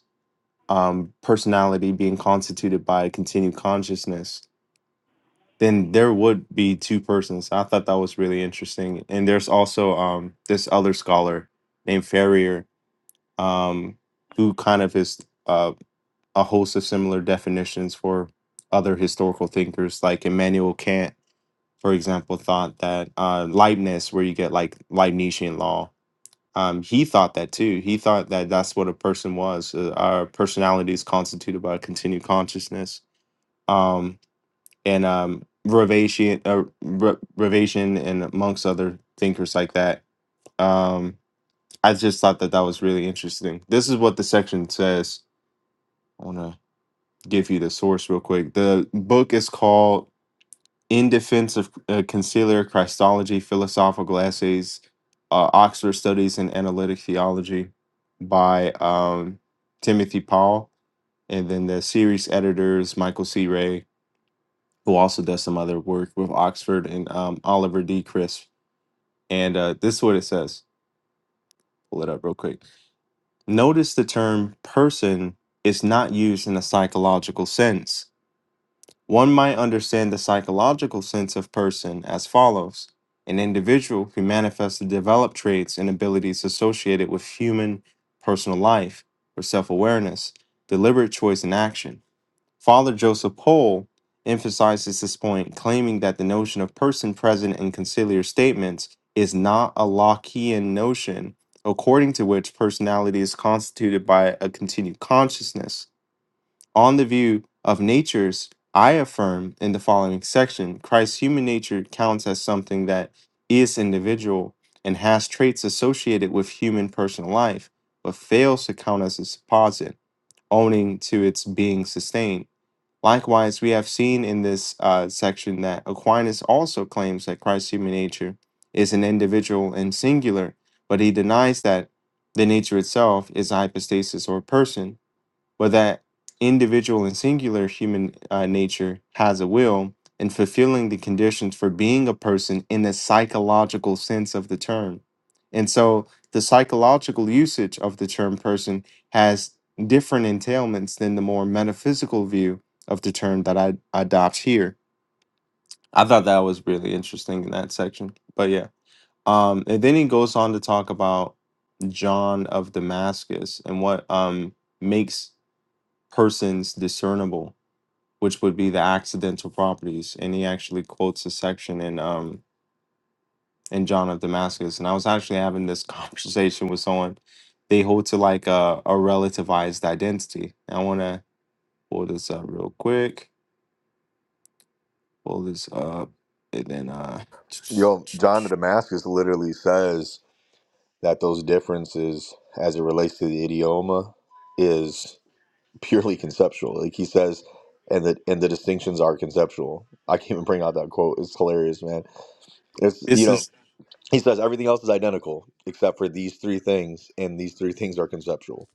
S1: um, personality being constituted by continued consciousness, then there would be two persons. I thought that was really interesting. And there's also um, this other scholar named Ferrier um, who kind of is. uh, a host of similar definitions for other historical thinkers, like Immanuel Kant, for example, thought that uh, Leibniz, where you get like Leibnizian law, um, he thought that too. He thought that that's what a person was. Uh, our personality is constituted by a continued consciousness. Um, and um, Ravasian, uh, Ra- Ravasian, and amongst other thinkers like that. Um, I just thought that that was really interesting. This is what the section says. give you the source real quick. The book is called In Defense of uh, Conciliar Christology Philosophical Essays, uh, Oxford Studies in Analytic Theology by um, Timothy Paul. And then the series editors, Michael C. Ray, who also does some other work with Oxford, and um, Oliver D. Crisp. And uh, this is what it says. Pull it up real quick. Notice the term person is not used in a psychological sense One might understand the psychological sense of person as follows an individual who manifests the developed traits and abilities associated with human personal life or self awareness, deliberate choice, and action. Father Joseph Pohl emphasizes this point, claiming that the notion of person present in conciliar statements is not a Lockean notion, according to which personality is constituted by a continued consciousness. On the view of natures, I affirm in the following section Christ's human nature counts as something that is individual and has traits associated with human personal life, but fails to count as a supposite, owing to its being sustained. Likewise, we have seen in this uh, section that Aquinas also claims that Christ's human nature is an individual and singular, but he denies that the nature itself is a hypostasis or person but that individual and singular human uh, nature has a will and fulfilling the conditions for being a person in the psychological sense of the term. And so the psychological usage of the term person has different entailments than the more metaphysical view of the term that I adopt here. I thought that was really interesting in that section. But yeah. Um, and then he goes on to talk about John of Damascus and what um, makes persons discernible, which would be the accidental properties. And he actually quotes a section in um in John of Damascus. And I was actually having this conversation with someone. They hold to like a, a relativized identity. And I want to pull this up real quick. Pull this up, and then uh,
S2: yo, John of Damascus literally says that those differences as it relates to the idioma is. purely conceptual. Like he says, and that and the distinctions are conceptual. I can't even bring out that quote. It's hilarious, man. It's you
S1: this
S2: know
S1: is.
S2: he says everything else is identical except for these three things, and these three things are conceptual.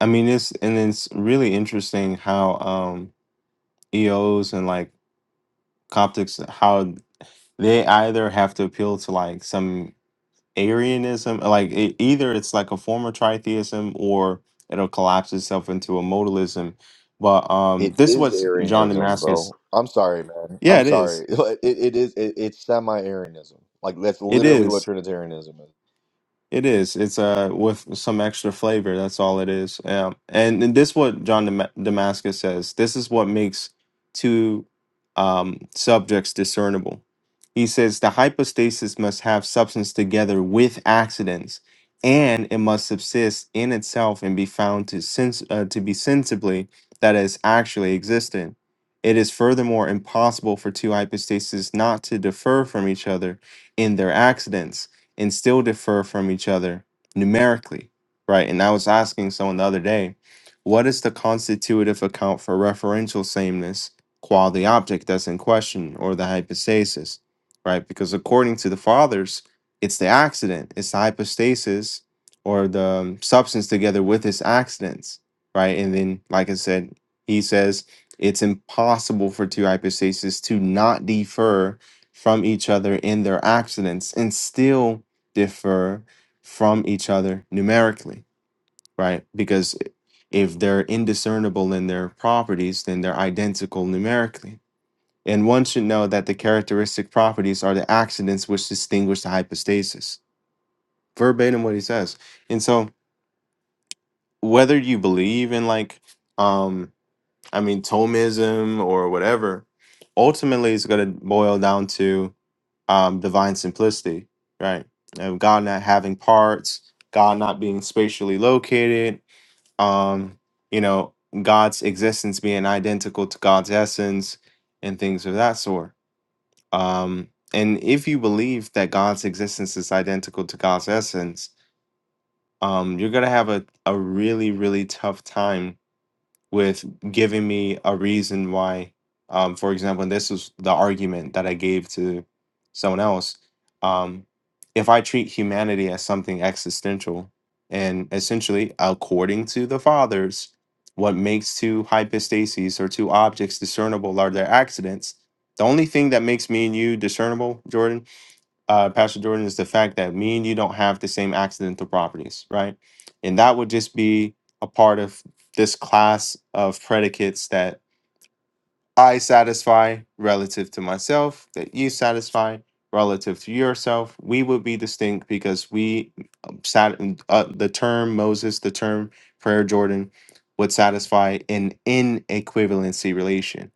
S1: I mean, it's and it's really interesting how um EOs and like Coptics how they either have to appeal to like some Arianism, like it, either it's like a form of tritheism or it'll collapse itself into a modalism. But um,
S2: It
S1: this is
S2: is
S1: what John
S2: Arianism,
S1: Damascus.
S2: bro. I'm sorry, man.
S1: Yeah,
S2: I'm
S1: it is.
S2: sorry. It, it is. It, it's semi-Arianism. Like that's
S1: It
S2: literally
S1: is.
S2: what Trinitarianism is.
S1: It is. It's uh with some extra flavor. That's all it is. Um, and, and this what John Dam- Damascus says. This is what makes two um subjects discernible. He says the hypostasis must have substance together with accidents, and it must subsist in itself and be found to sense uh, to be sensibly that is actually existent. It is furthermore impossible for two hypostases not to differ from each other in their accidents and still differ from each other numerically, right? And I was asking someone the other day, what is the constitutive account for referential sameness qua the object that's in question or the hypostasis, right? Because according to the fathers, it's the accident, it's the hypostasis or the um, substance together with its accidents, right? And then, like I said, he says it's impossible for two hypostases to not defer from each other in their accidents and still differ from each other numerically, right? Because if they're indiscernible in their properties, then they're identical numerically. And one should know that the characteristic properties are the accidents which distinguish the hypostasis. Verbatim what he says. And so whether you believe in like um I mean Thomism or whatever, ultimately it's gonna boil down to um, divine simplicity, right? Of God not having parts, God not being spatially located, um, you know, God's existence being identical to God's essence and things of that sort. Um, and if you believe that God's existence is identical to God's essence, um, you're going to have a, a really, really tough time with giving me a reason why um for example and this is the argument that i gave to someone else um if i treat humanity as something existential and essentially according to the fathers what makes two hypostases or two objects discernible are their accidents the only thing that makes me and you discernible jordan uh, Pastor Jordan, is the fact that me and you don't have the same accidental properties, right? And that would just be a part of this class of predicates that I satisfy relative to myself, that you satisfy relative to yourself. We would be distinct because we um, sat uh, the term Moses, the term prayer Jordan would satisfy an inequivalency relation,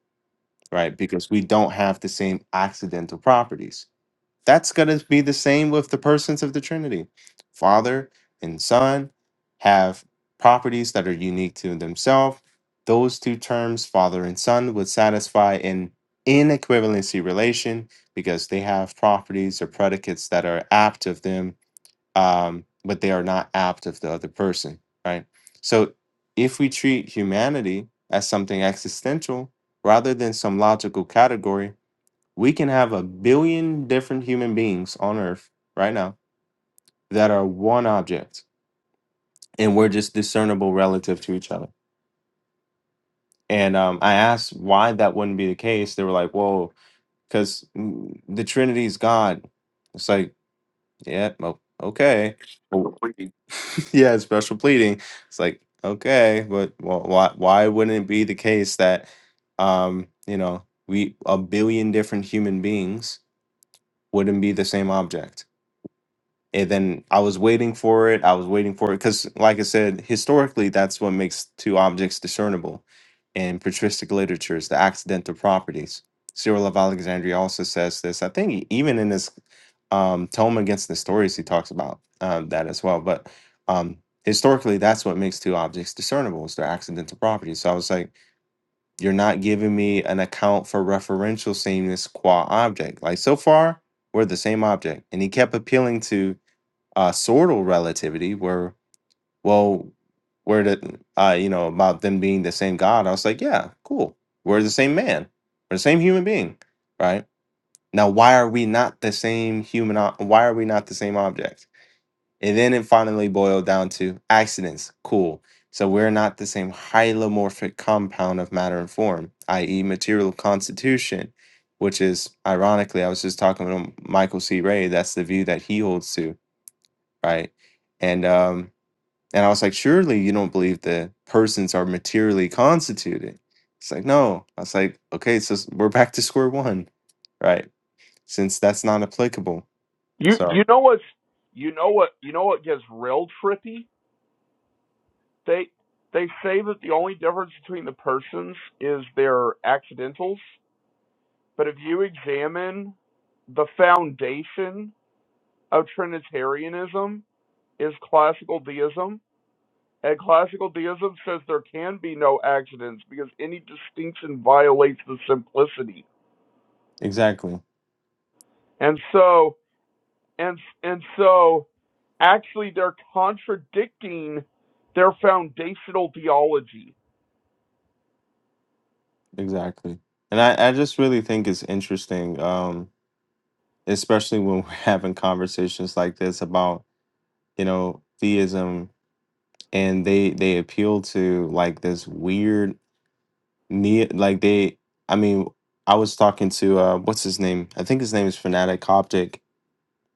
S1: right? Because we don't have the same accidental properties that's going to be the same with the persons of the Trinity. Father and Son have properties that are unique to themselves. Those two terms, Father and Son, would satisfy an inequivalency relation because they have properties or predicates that are apt of them, um, but they are not apt of the other person, right? So if we treat humanity as something existential rather than some logical category, we can have a billion different human beings on earth right now that are one object and we're just discernible relative to each other. And um, I asked why that wouldn't be the case. They were like, "Whoa, because the Trinity is God." It's like, yeah, o- okay. Well, yeah, it's special pleading. It's like, okay, but wh- why why wouldn't it be the case that um, you know, we a billion different human beings wouldn't be the same object? and then I was waiting for it. I was waiting for it because, like I said, historically, that's what makes two objects discernible in patristic literature is the accidental properties. Cyril of Alexandria also says this. I think e- even in his um, tome against the stories, he talks about um, that as well. But um, historically, that's what makes two objects discernible is their accidental properties. So I was like, you're not giving me an account for referential sameness qua object. Like so far, we're the same object, and he kept appealing to uh, sortal relativity, where well, where the uh, you know about them being the same God, I was like, yeah, cool. We're the same man. We're the same human being, right? Now, why are we not the same human? o- Why are we not the same object? And then it finally boiled down to accidents. Cool. So we're not the same hylomorphic compound of matter and form, i.e., material constitution, which is ironically, I was just talking to Michael C. Ray. That's the view that he holds to right? And um, and I was like, surely you don't believe that persons are materially constituted. It's like, no. I was like, okay, so s- we're back to square one, right? Since that's not applicable.
S3: You
S1: So Right.
S3: you know what's you know what you know what gets real trippy? They they say that the only difference between the persons is their accidentals, but if you examine the foundation of Trinitarianism is classical deism, And classical deism says there can be no accidents because any distinction violates the simplicity.
S1: exactly,
S3: And so, and and so, actually, they're contradicting their foundational theology.
S1: exactly. And I, I just really think it's interesting, um, especially when we're having conversations like this about, you know, theism and they they appeal to like this weird Ne like they, I mean, I was talking to uh, what's his name? I think his name is Fanatic Coptic.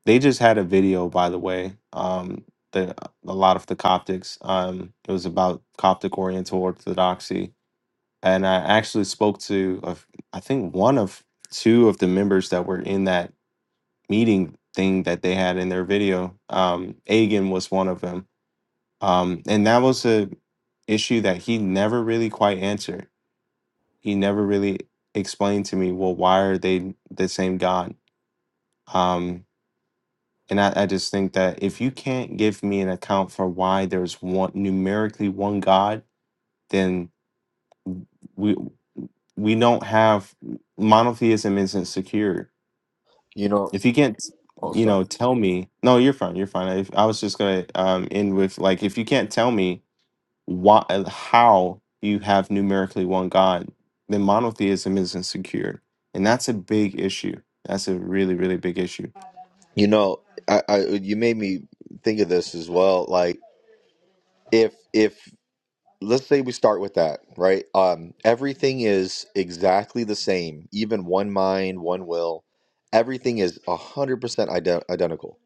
S1: They just had a video, by the way. Um, the a lot of the Coptics. Um, it was about Coptic Oriental Orthodoxy, and I actually spoke to, of I think one of two of the members that were in that meeting thing that they had in their video. Um, Agan was one of them, um, and that was a issue that he never really quite answered he never really explained to me well why are they the same god um and I, I just think that if you can't give me an account for why there's one numerically one god then we we don't have monotheism isn't secure
S2: You know.
S1: if you can't
S2: Oh,
S1: you
S2: sorry.
S1: know tell me no you're fine you're fine i, I was just gonna um end with like if you can't tell me why uh, how you have numerically one god then monotheism isn't secured and that's a big issue that's a really really big issue
S2: You know, I, I you made me think of this as well. Like if if let's say we start with that, right? Um, everything is exactly the same, even one mind, one will. Everything is 100% ide- identical,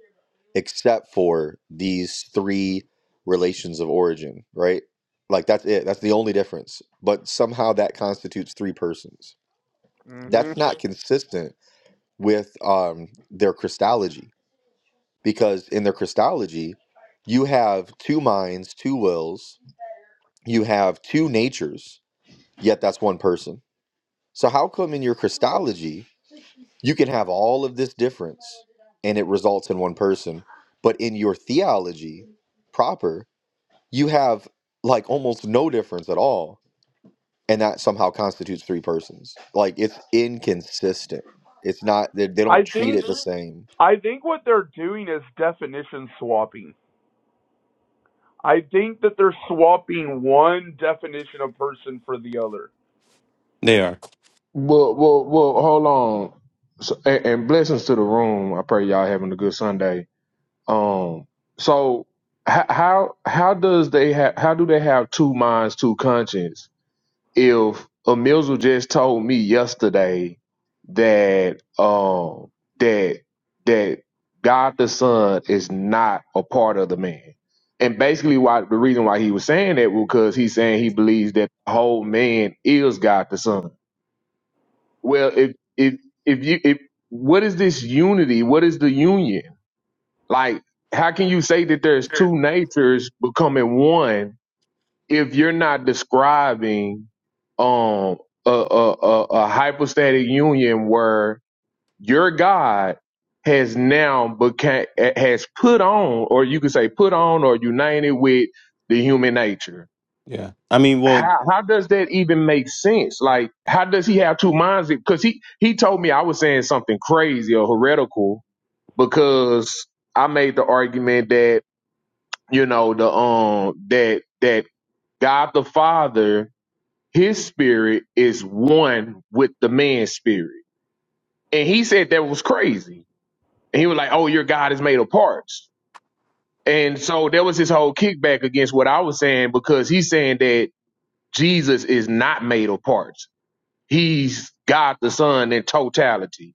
S2: except for these three relations of origin, right? Like that's it. That's the only difference. But somehow that constitutes three persons.
S3: hmm
S2: That's not consistent with um, their Christology, because in their Christology, you have two minds, two wills, you have two natures Yet that's one person. So how come in your Christology you can have all of this difference and it results in one person, but in your theology proper you have like almost no difference at all, and that somehow constitutes three persons? Like it's inconsistent. It's not they, they
S3: I
S2: don't treat
S3: think
S2: it the same.
S3: I think what they're doing is definition swapping. I think that they're swapping one definition of person for the other.
S1: they are
S4: Well, well, well. Hold on, so, and, and blessings to the room. I pray y'all having a good Sunday. Um, so h- how how does they have how do they have two minds, two conscience? If Emilzu just told me yesterday that um that that God the Son is not a part of the man, and basically why the reason why he was saying that was because he's saying he believes that the whole man is God the Son. Well, if if if you if what is this unity? What is the union? Like, how can you say that there's
S1: Sure.
S4: two natures becoming one if you're not describing um a a, a, a hypostatic union where your God has now became has put on, or you could say put on or united with the human nature
S1: yeah i mean well
S4: how how does that even make sense? Like, how does he have two minds? Because he he told me I was saying something crazy or heretical because I made the argument that you know the um that that God the Father, His spirit is one with the man's spirit, and he said that was crazy. And he was like, "Oh, your God is made of parts." And so there was this whole kickback against what I was saying because he's saying that Jesus is not made of parts He's God the Son in totality.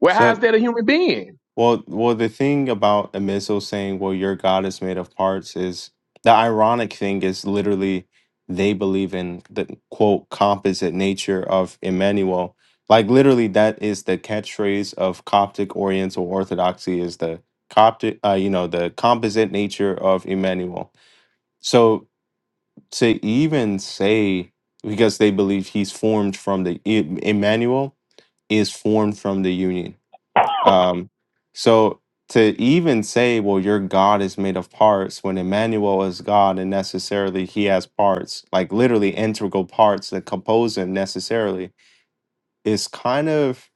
S4: Well,
S1: so
S4: how's that a human being?
S1: Well, well, the thing about Amiso saying, "Well, your God is made of parts," is the ironic thing is literally they believe in the quote composite nature of Emmanuel. Like literally, that is the catchphrase of Coptic Oriental Orthodoxy is the Coptic, uh, you know, the composite nature of Emmanuel. So to even say because they believe he's formed from the E, Emmanuel is formed from the union um, so to even say, well, your God is made of parts, when Emmanuel is God and necessarily he has parts, like literally integral parts that compose him necessarily, is kind of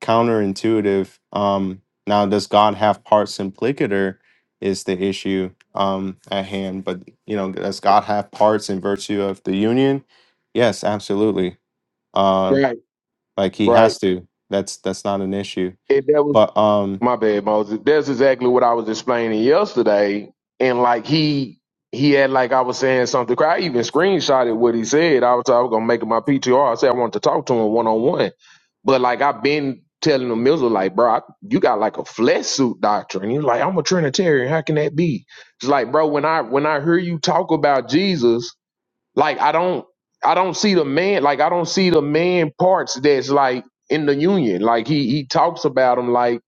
S1: counterintuitive. Um, now, does God have parts implicator is the issue um, at hand. But, you know, does God have parts in virtue of the union? Yes, absolutely. Uh,
S4: Right,
S1: like he
S4: right.
S1: has to. That's that's not an issue.
S4: And that was
S1: But um
S4: my bad, Moses. That's exactly what I was explaining yesterday. And like he he had like I was saying something. I even screenshotted what he said. I was I was gonna make it my PTR. I said I wanted to talk to him one on one. But like I've been telling the Mizzle, like, bro, I- you got like a flesh suit doctrine. He's like, I'm a Trinitarian. How can that be? It's like, bro, when I when I hear you talk about Jesus. Like I don't I don't see the man like I don't see the man parts that's like in the union. Like he he talks about him like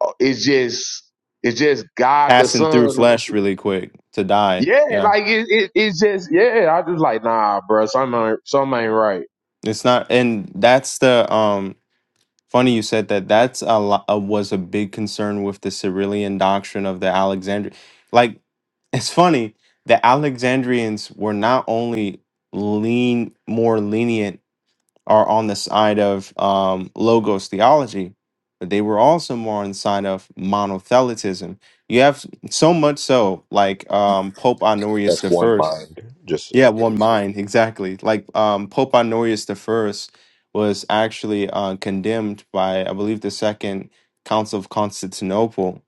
S4: uh, it's just it's just God the
S1: passing through
S4: Son.
S1: flesh really quick to die.
S4: Yeah,
S1: Yeah.
S4: like it, it it's just yeah. I just like nah, bro. Something ain't, something ain't right.
S1: It's not and that's the um funny you said that that's a lot uh, was a big concern with the Cyrillian doctrine of the Alexandria. Like it's funny the Alexandrians were not only lean more lenient or on the side of um logos theology, but they were also more on the side of monothelitism. You have so much so like um Pope Honorius
S2: That's one
S1: I
S2: mind. Just
S1: Yeah,
S2: so-
S1: one mind, exactly. Like um, Pope Honorius the First was actually uh, condemned by, I believe, the Second Council of Constantinople,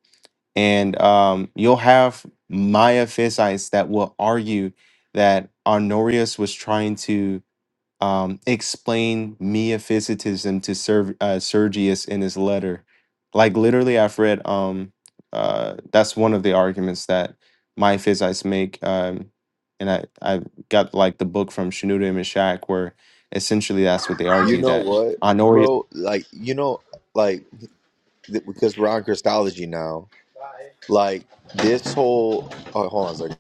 S1: and um, you'll have Miaphysites that will argue that Honorius was trying to um, explain meophysitism to Serv- uh, Sergius in his letter. Like literally, I've read. Um, uh, that's one of the arguments that my physicists make, um, and I I got like the book from Shenouda and Mishak, where essentially that's what they
S2: you
S1: argue
S2: know
S1: that
S2: what,
S1: Honorius.
S2: bro? Like you know, like th- because we're on Christology now. Like this whole. Oh, hold on a second.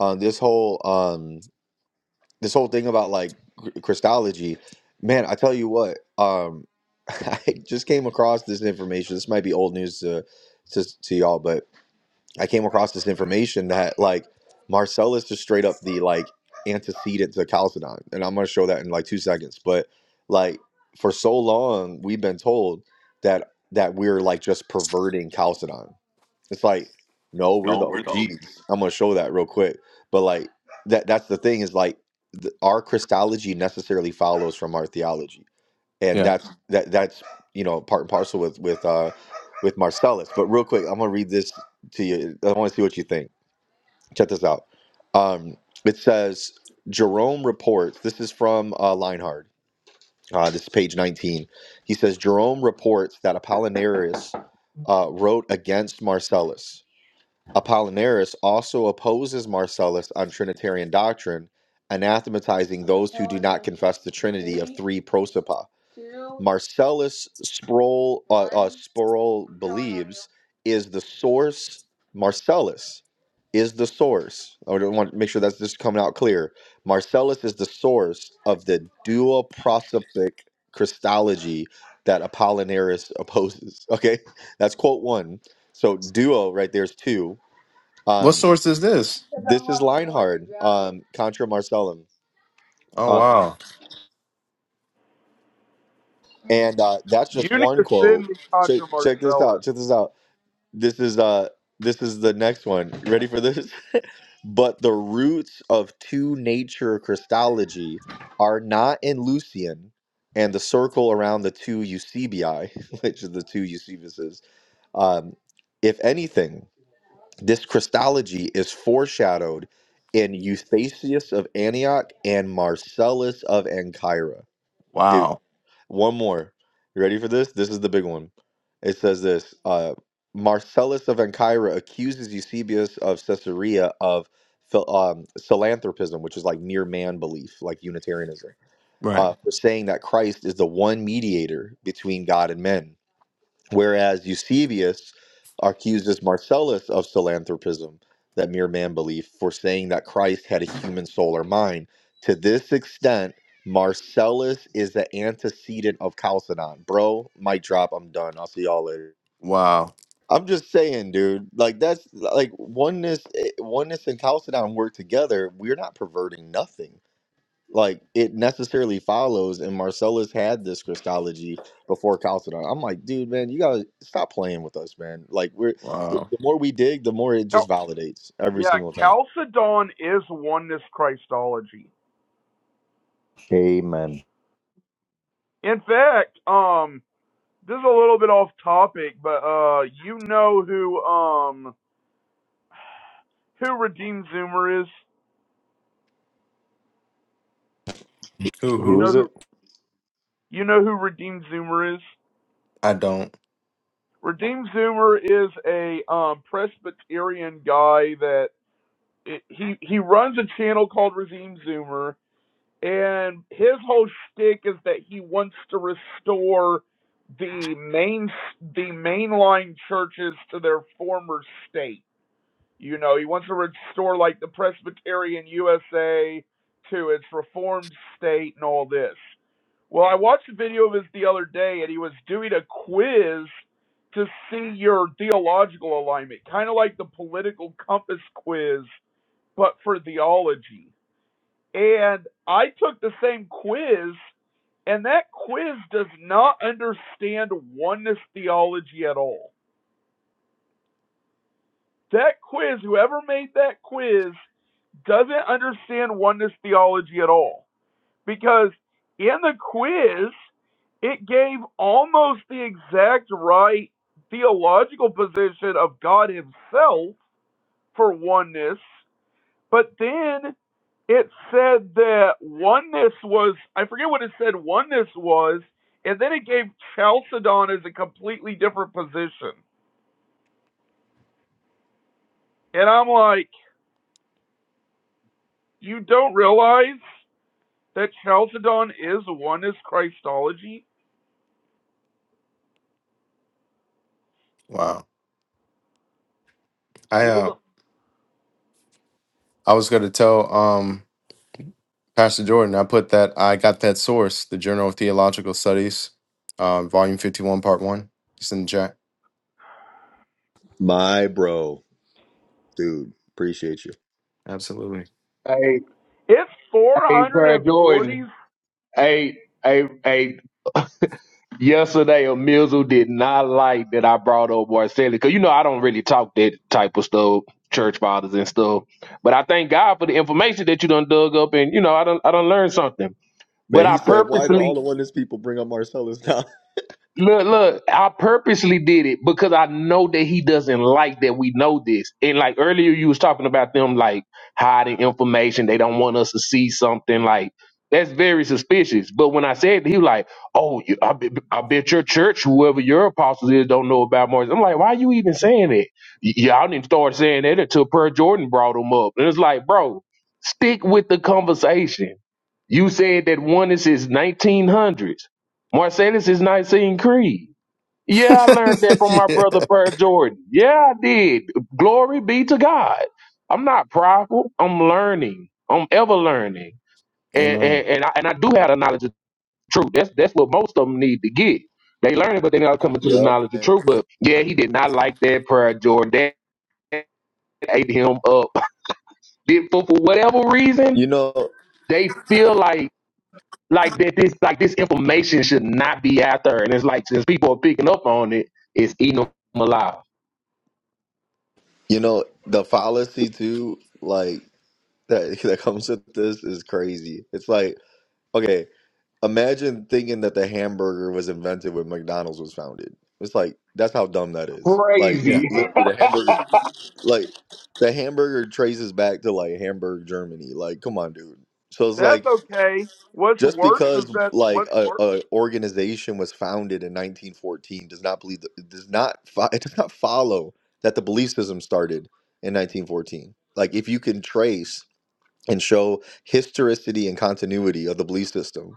S2: uh, this whole um this whole thing about like cr- Christology, man, I tell you what, um, I just came across this information. This might be old news to, to to y'all, but I came across this information that like Marcellus is straight up the like antecedent to Chalcedon, and I'm gonna show that in like two seconds. But like for so long, we've been told that that we're like just perverting Chalcedon it's like, no, we're the OGs. I'm gonna show that real quick. But like that that's the thing is like the, our Christology necessarily follows from our theology. And
S1: Yeah.
S2: that's that that's you know part and parcel with with uh with Marcellus. But real quick, I'm gonna read this to you. I want to see what you think. Check this out. Um it says Jerome reports, this is from uh Leinhard. Uh, this is page 19. He says Jerome reports that Apollinaris uh, wrote against Marcellus Apollinaris also opposes Marcellus on Trinitarian doctrine, anathematizing those who do not confess the Trinity of three prosopa. Marcellus Sproul uh, uh, Sproul believes is the source. Marcellus is the source. I want to make sure that's just coming out clear. Marcellus is the source of the dual prosopic Christology that Apollinaris opposes. Okay, that's quote one. So duo right there's two
S1: What
S2: um,
S1: source is this?
S2: this is Leinhard, um, Contra Marcellum.
S1: Oh
S2: Uh,
S1: wow,
S2: and uh, that's
S3: you
S2: just
S3: need
S2: one
S3: to send
S2: quote.
S3: me
S2: Check,
S3: Contra
S2: check this out.
S3: Marcellus.
S2: Check this out. This is uh, this is the next one. Ready for this? But the roots of two nature Christology are not in Lucian and the circle around the two Eusebii, which is the two Eusebiuses. Um, if anything, This Christology is foreshadowed in Eustathius of Antioch and Marcellus of Ancyra. Dude,
S1: wow,
S2: one more. You ready for this? This is the big one. It says this uh, Marcellus of Ancyra accuses Eusebius of Caesarea of phil- um, philanthropism, which is like mere man belief, like Unitarianism,
S1: right,
S2: uh, for saying that Christ is the one mediator between God and men Whereas Eusebius accuses Marcellus of philanthropism, that mere man belief, for saying that Christ had a human soul or mind. To this extent, Marcellus is the antecedent of Chalcedon. Bro, mic drop. I'm done. I'll see y'all later.
S1: wow,
S2: I'm just saying, dude. Like that's like oneness. eh, Oneness and Chalcedon work together. We're not perverting nothing like it necessarily follows and marcellus had this christology before chalcedon i'm like dude man you gotta stop playing with us man like we're w-
S1: wow.
S2: the more we dig the more it
S3: Now,
S2: just validates every
S3: Yeah,
S2: single time
S3: Chalcedon is oneness Christology.
S2: Amen.
S3: In fact, um, this is a little bit off topic, but uh, you know who um who Redeemed Zoomer is?
S1: Who
S3: You
S2: Who
S3: know
S1: who?
S2: is
S3: who
S2: it?
S3: you know who Redeemed Zoomer is?
S1: I don't.
S3: Redeemed Zoomer is a um Presbyterian guy that it, he he runs a channel called Redeemed Zoomer And his whole shtick is that he wants to restore the main the mainline churches to their former state. You know, he wants to restore like the Presbyterian USA to its reformed state and all this. Well, I watched a video of his the other day, and he was doing a quiz to see your theological alignment, kind of like the political compass quiz, but for theology and I took the same quiz, and that quiz does not understand oneness theology at all. That quiz, whoever made that quiz, doesn't understand oneness theology at all. Because in the quiz, it gave almost the exact right theological position of God Himself for oneness, but then it said that oneness was I forget what it said oneness was, and then it gave Chalcedon as a completely different position. And I'm like, you don't realize that Chalcedon is oneness Christology?
S1: Wow. I
S3: People
S1: uh,
S3: don't
S1: I was gonna tell. Um, Pastor Jordan, I put that I got that source, the Journal of Theological Studies, uh, volume fifty one, part one. It's in the chat.
S2: my bro dude appreciate you
S1: Absolutely.
S4: Hey,
S3: it's four
S4: hey,
S3: hundred and
S4: Brad Jordan.
S3: forty
S4: Hey, hey, hey, Yesterday, a Mizzle did not like that I brought up Marcelli because you know I don't really talk that type of stuff, church fathers and stuff. But I thank God for the information that you done dug up, and you know I don't I don't learn something.
S2: man
S4: But
S2: he
S4: I
S2: said why do
S4: purposely
S2: all the oneness people bring up marcellus now
S4: Look, look, I purposely did it because I know that he doesn't like that we know this. And like earlier you was talking about them like hiding information. They don't want us to see something like that's very suspicious. But when I said that, he was like, "Oh, you, I, bet, I bet your church, whoever your apostles is, don't know about Moses." I'm like, "Why are you even saying that? Y- y'all didn't start saying that until Per Jordan brought him up." And it's like, bro, stick with the conversation. You said that one is his 1900s. Marcellus is Nicene Creed. Yeah, I learned that from my
S1: yeah.
S4: brother Per Jordan. Yeah, I did. Glory be to God. I'm not prideful. I'm learning. I'm ever learning. And and,
S1: Amen.
S4: and, I, and I do have the knowledge of truth. That's that's what most of them need to get. They learn it, but they not coming to the
S2: yep
S4: knowledge of truth. But yeah, he did not like that prayer, Jordan. That ate him up. Did for, for whatever reason,
S2: you know
S4: they feel like Like that this like this information should not be out there. And it's like since people are picking up on it, it's eating them alive.
S2: you know the fallacy too like that that comes with this is crazy it's like okay Imagine thinking that the hamburger was invented when McDonald's was founded. It's like that's how dumb that is. Like
S1: Yeah.
S4: Crazy.
S2: literally the hamburger like the hamburger traces back to like Hamburg, Germany. Like come on, dude. So it's
S3: that's
S2: like
S3: okay. What's
S2: just
S3: worse is
S2: because
S3: that
S2: like
S3: what's
S2: a,
S3: worse
S2: a organization was founded in 1914 does not believe it does not fo- it does not follow that the belief system started in 1914. Like if you can trace and show historicity and continuity of the belief system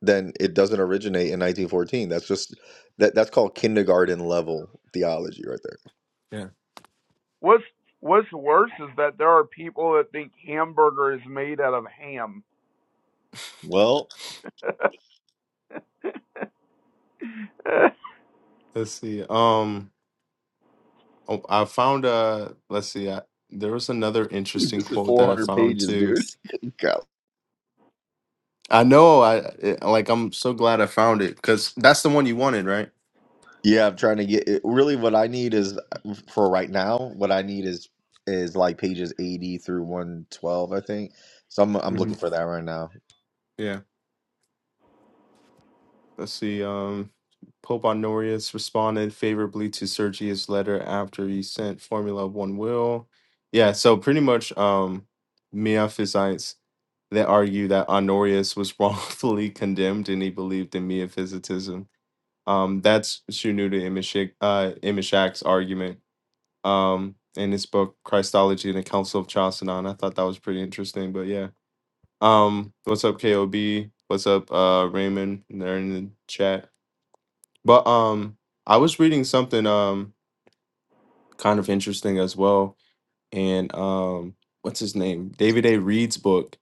S2: then it doesn't originate in 1914. That's just that that's called kindergarten level theology right there.
S1: Yeah.
S3: what's what's worse is that there are people that think hamburger is made out of ham.
S2: Well,
S1: Let's see. Um, oh, I found uh Let's see. I, there was another interesting
S2: this is
S1: quote that I
S2: 400
S1: found
S2: pages,
S1: too.
S2: dude. Good God.
S1: I know. I it, like. I'm so glad I found it because that's the one you wanted, right?
S2: Yeah, I'm trying to get it, really what I need is for right now, what I need is is like pages 80 through 112, I think. So I'm I'm
S1: hmm
S2: looking for that right now.
S1: Yeah. Let's see. Um, Pope Honorius responded favorably to Sergius' letter after he sent Formula One will. Yeah, so pretty much, um, Miaphysites they argue that Honorius was wrongfully condemned and he believed in Miaphysitism. Um, that's Shunuda Imashak, uh, Imashak's argument um, in his book Christology and the Council of Chalcedon. I thought that was pretty interesting, but yeah. Um, what's up, KOB? What's up, uh, Raymond? They're in the chat. But um, I was reading something um kind of interesting as well, and um, what's his name? David A. Reed's book,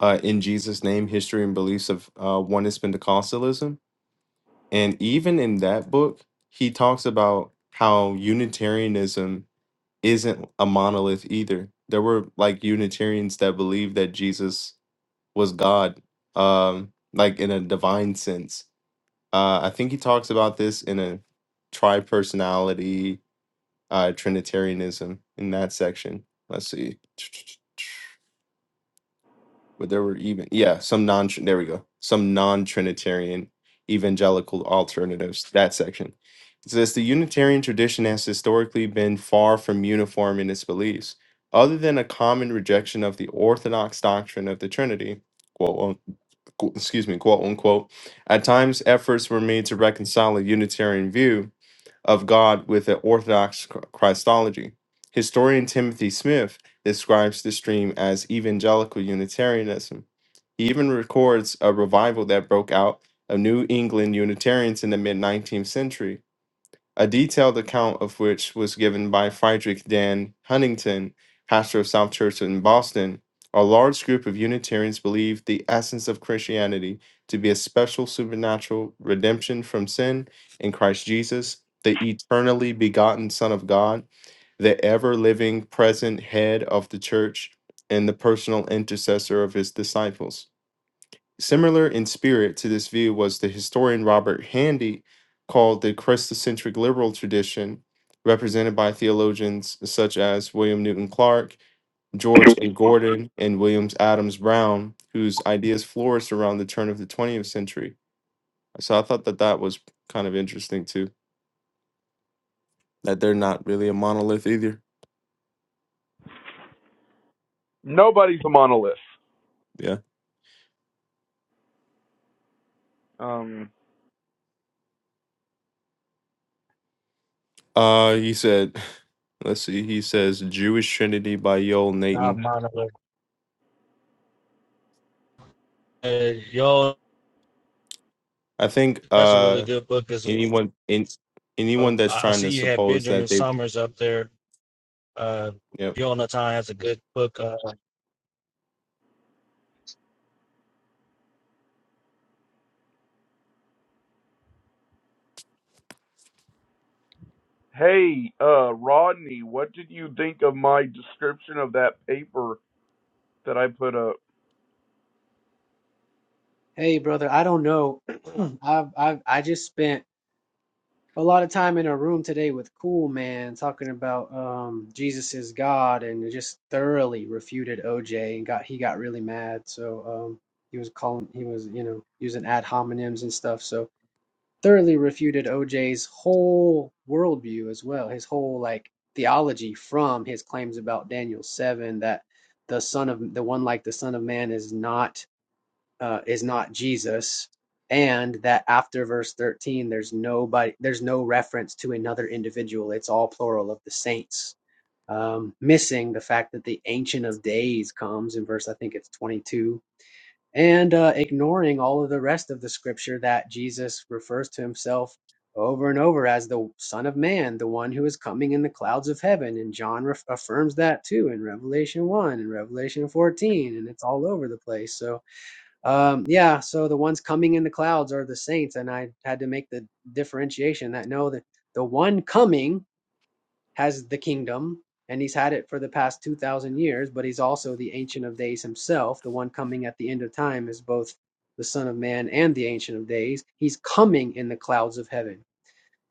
S1: uh, "In Jesus' Name: History and Beliefs of uh, Oneness Pentecostalism," and even in that book, he talks about how Unitarianism isn't a monolith either. There were like Unitarians that believed that Jesus was God, um, like in a divine sense. Uh, I think he talks about this in a tri-personality uh, Trinitarianism in that section. Let's see, but there were even yeah some non there we go some non Trinitarian evangelical alternatives that section. It says the Unitarian tradition has historically been far from uniform in its beliefs, other than a common rejection of the orthodox doctrine of the Trinity. Quote, un- qu- excuse me, quote unquote. At times, efforts were made to reconcile a Unitarian view of God with an Orthodox Christology. Historian Timothy Smith describes the stream as evangelical Unitarianism. He even records a revival that broke out of New England Unitarians in the mid 19th century a detailed account of which was given by Friedrich Dan Huntington, pastor of South Church in Boston. A large group of Unitarians believed the essence of Christianity to be a special supernatural redemption from sin in Christ Jesus, the eternally begotten Son of God, the ever living present head of the church, and the personal intercessor of his disciples. Similar in spirit to this view was the historian Robert Handy, called the Christocentric liberal tradition, represented by theologians such as William Newton Clark, George A. Gordon, and Williams Adams Brown, whose ideas flourished around the turn of the 20th century. So I thought that that was kind of interesting too, that they're not really a monolith either.
S3: Nobody's a monolith.
S1: Yeah.
S3: Um,
S1: Uh, he said, let's see, he says Jewish Trinity by Yoel
S5: Not
S1: Nathan.
S5: Monica. Hey, yo,
S1: I think.
S5: that's a
S1: Uh,
S5: really good book as
S1: anyone in
S5: well.
S1: anyone that's
S5: I, I
S1: trying
S5: see
S1: to
S5: you had
S1: suppose
S5: Benjamin
S1: that they
S5: Summers up there. Uh,
S1: yep
S5: Yonatan has a good book. Uh,
S3: hey, uh, Rodney, what did you think of my description of that paper that I put up?
S6: Hey, brother, I don't know. I've, I've I just spent a lot of time in a room today with Cool Man talking about um Jesus is God and it just thoroughly refuted OJ and got he got really mad. So um he was calling he was, you know, using ad hominems and stuff. So thoroughly refuted OJ's whole worldview as well, his whole like theology from his claims about Daniel 7 that the son of the one like the son of man is not uh, is not Jesus, and that after verse 13, there's nobody, there's no reference to another individual. It's all plural of the saints. Um, missing the fact that the Ancient of Days comes in verse, I think it's 22, and uh, ignoring all of the rest of the scripture that Jesus refers to himself over and over as the Son of Man, the one who is coming in the clouds of heaven. And John ref affirms that too in Revelation 1 and Revelation 14, and it's all over the place. So, um, yeah, so the ones coming in the clouds are the saints, and I had to make the differentiation that no, that the one coming has the kingdom, and he's had it for the past two thousand years, but he's also the Ancient of Days himself. The one coming at the end of time is both the Son of Man and the Ancient of Days. He's coming in the clouds of heaven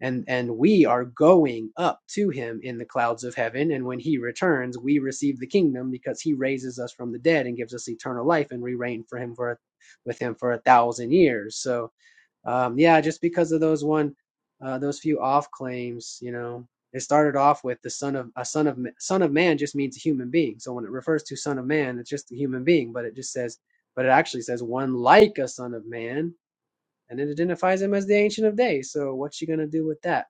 S6: and and we are going up to him in the clouds of heaven and when he returns we receive the kingdom because he raises us from the dead and gives us eternal life and we reign for him for with him for a thousand years so um yeah just because of those one uh those few off claims you know it started off with the son of a son of son of man just means a human being so when it refers to son of man it's just a human being but it just says but it actually says one like a son of man and it identifies him as the ancient of days so what's she going to do with that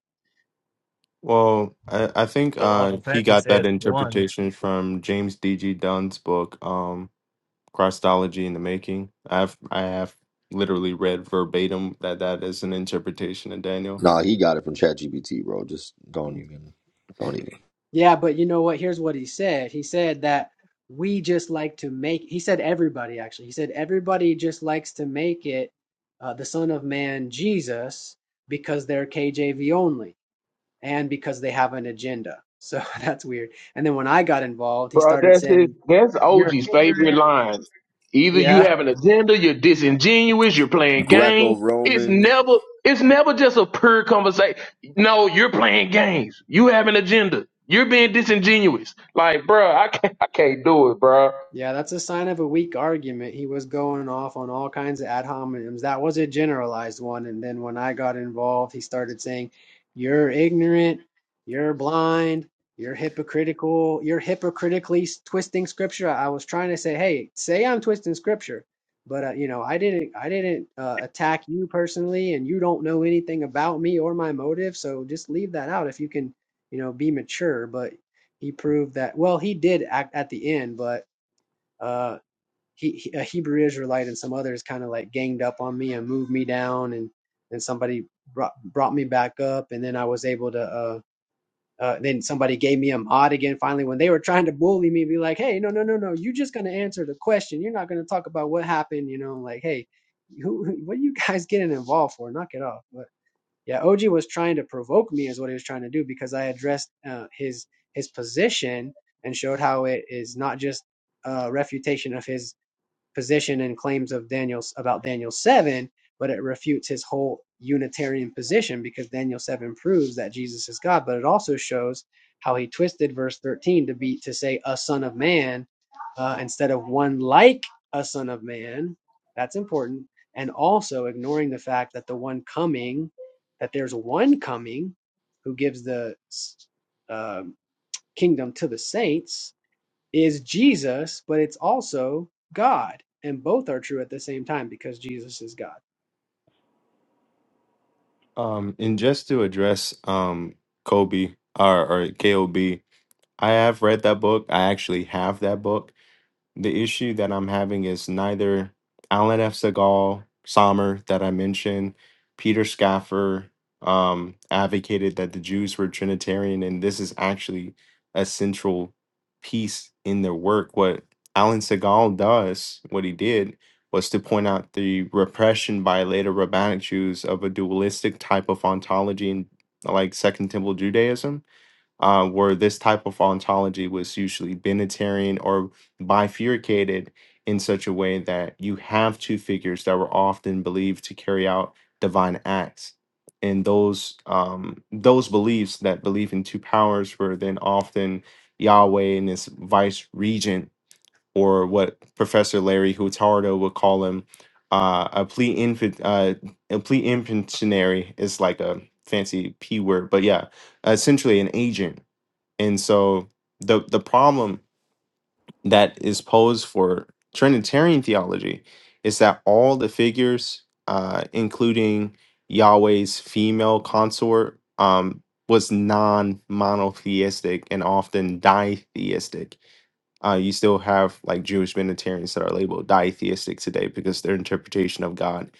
S1: well i i think
S5: the law
S1: uh
S5: of
S1: he
S5: fact it
S1: got that
S5: says one.
S1: interpretation from james dg dunn's book um christology in the making i've i have literally read verbatim that that is an interpretation of daniel
S2: Nah, he got it from ChatGPT, bro. Just don't even, don't even.
S6: Yeah, but you know what? Here's what he said. He said that we just like to make, he said everybody actually. He said everybody just likes to make it uh, the Son of Man Jesus because they're KJV only and because they have an agenda. So that's weird. And then when I got involved, he
S4: Bro,
S6: started
S4: that's it.
S6: saying,
S4: That's
S6: You're
S4: OG's favorite
S6: ignorant.
S4: line. Either
S6: Yeah.
S4: you have an agenda, you're disingenuous, you're playing
S2: Greco
S4: games. It's
S2: Romans.
S4: never it's never just a pure conversation. No, you're playing games. You have an agenda. You're being disingenuous. Like, bro, I can't I can't do it, bro.
S6: Yeah, that's a sign of a weak argument. He was going off on all kinds of ad hominems. That was a generalized one. And then when I got involved, he started saying, You're ignorant, you're blind, you're hypocritical, you're hypocritically s- twisting scripture. I was trying to say, Hey, say I'm twisting scripture. But uh, you know, I didn't, I didn't uh, attack you personally, and you don't know anything about me or my motive. So just leave that out if you can, you know, be mature. But he proved that. Well, he did act at the end, but uh, he, he- a Hebrew Israelite and some others kind of like ganged up on me and moved me down, and and somebody brought brought me back up, and then I was able to. Uh, uh, then somebody gave me a mod again. Finally, when they were trying to bully me, be like, "Hey, no, no, no, no, you're just gonna answer the question. You're not gonna talk about what happened." You know, like, "Hey, who, who- what are you guys getting involved for? Knock it off." But yeah, OG was trying to provoke me, is what he was trying to do, because I addressed uh, his his position and showed how it is not just a refutation of his position and claims of Daniel about Daniel 7, but it refutes his whole Unitarian position because Daniel 7 proves that Jesus is God, but it also shows how he twisted verse 13 to be to say a son of man uh, instead of one like a son of man. That's important. And also ignoring the fact that the one coming, that there's one coming who gives the s- um kingdom to the saints, is Jesus, but it's also God. And both are true at the same time because Jesus is God.
S1: um and just to address um kobe or or K O B I have read that book i actually have that book The issue that I'm having is neither Alan F. Segal, Sommer that I mentioned, Peter Schaffer, um, advocated that the Jews were Trinitarian, and this is actually a central piece in their work. What Alan Segal does, what he did, was to point out the repression by later rabbinic Jews of a dualistic type of ontology in like Second Temple Judaism uh, where this type of ontology was usually binitarian or bifurcated in such a way that you have two figures that were often believed to carry out divine acts. And those um, those beliefs that believe in two powers were then often Yahweh and his vice regent, or what Professor Larry Hurtado would call him, uh, a plea infant, uh, a plea infantinary is like a fancy p word, but yeah, essentially an agent and so the the problem that is posed for Trinitarian theology is that all the figures, uh, including Yahweh's female consort, um, was non-monotheistic and often ditheistic. Uh, you still have like Jewish Unitarians that are labeled ditheistic today because their interpretation of God,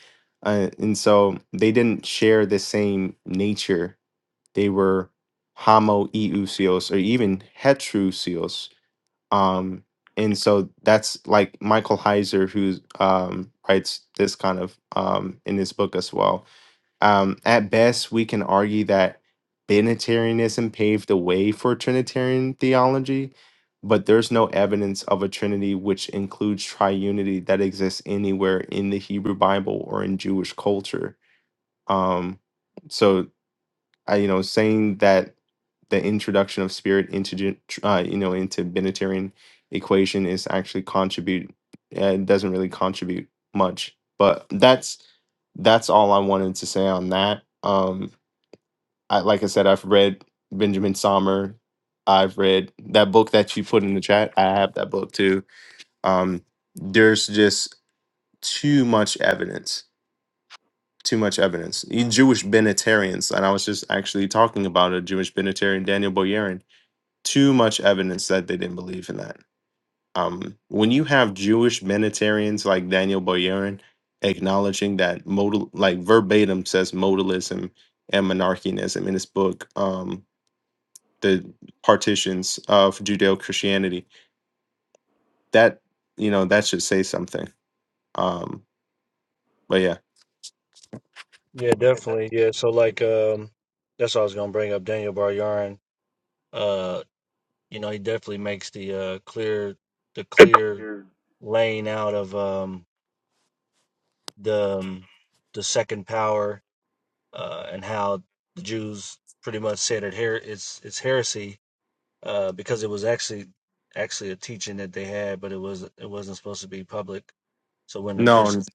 S1: uh, and so they didn't share the same nature they were homoousios or even heterousios. Um, and so that's like Michael Heiser, who um, writes this kind of um, in his book as well. Um, at best, we can argue that Binitarianism paved the way for Trinitarian theology, but there's no evidence of a Trinity which includes triunity that exists anywhere in the Hebrew Bible or in Jewish culture. Um, so I, you know, saying that the introduction of spirit into gen- tr- uh, you know into Binitarian equation is actually contribute uh, it doesn't really contribute much. But that's that's all I wanted to say on that. Um, I, like I said, I've read Benjamin Sommer. I've read that book that you put in the chat. I have that book too. Um, there's just too much evidence too much evidence. You Jewish Benatarians and I was just actually talking about a Jewish Benatarian, Daniel Boyerin, too much evidence that they didn't believe in that. Um, when you have Jewish Benatarians like Daniel Boyerin acknowledging that modal, like verbatim says modalism and monarchianism in his book, um, The Partitions of Judeo Christianity, that, you know, that should say something. Um, but yeah.
S5: Yeah, definitely. Yeah, so like, um, that's what I was gonna bring up. Daniel Bar Yarn. Uh, you know, he definitely makes the uh clear the clear laying out of um the um, the second power uh and how the Jews pretty much said it here it's it's heresy uh, because it was actually actually a teaching that they had, but it was it wasn't supposed to be public. So when the
S1: No,
S5: Christians,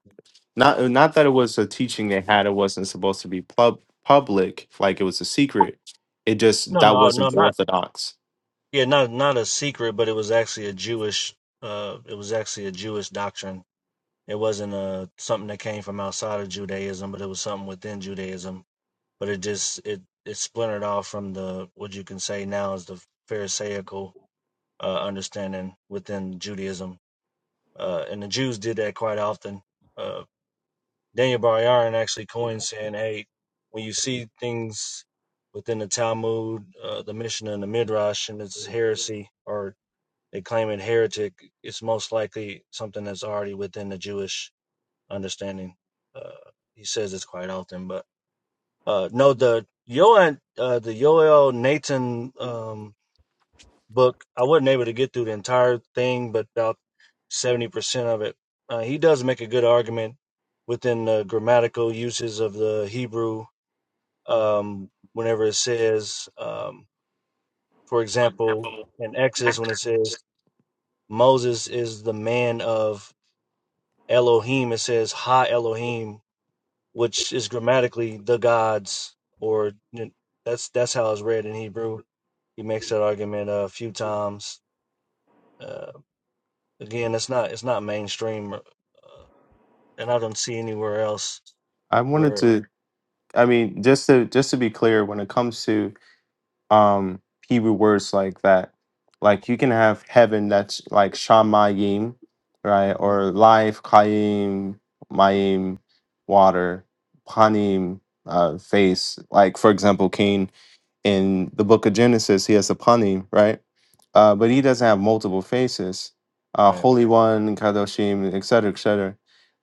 S1: Not uh, not that it was a teaching they had. It wasn't supposed to be pub public. Like it was a secret. It just
S5: no,
S1: that
S5: no, no,
S1: wasn't
S5: not
S1: orthodox.
S5: yeah, not not a secret, but it was actually a Jewish. Uh, it was actually a Jewish doctrine. It wasn't uh something that came from outside of Judaism, but it was something within Judaism. But it just it it splintered off from the what you can say now is the Pharisaical uh, understanding within Judaism. Uh, and the Jews did that quite often Uh, Daniel Bar Yarin actually coined saying, "Hey, when you see things within the Talmud, uh, the Mishnah, and the Midrash, and it's heresy or they claim it heretic, it's most likely something that's already within the Jewish understanding." Uh, he says this quite often, but uh, no, the Yoel, uh, the Yoel Nathan. um, book. I wasn't able to get through the entire thing, but about 70% of it. Uh, he does make a good argument within the grammatical uses of the Hebrew um, whenever it says, um, for example, in Exodus, when it says Moses is the man of Elohim, it says Ha Elohim, which is grammatically the gods, or you know, that's that's how it's read in Hebrew. He makes that argument a few times. uh, Again, it's not it's not mainstream, uh, and I don't see anywhere else
S1: I wanted
S5: where.
S1: to. I mean, just to just to be clear, when it comes to um Hebrew words like that, like you can have heaven that's like shamayim, right,
S5: hmm
S1: or life, kayim, mayim, water, panim, uh, face. Like for example, Cain in the book of Genesis, he has the panim, right? Uh, but he doesn't have multiple faces, uh,
S5: Right.
S1: Holy One, Kadoshim, et etc., etc.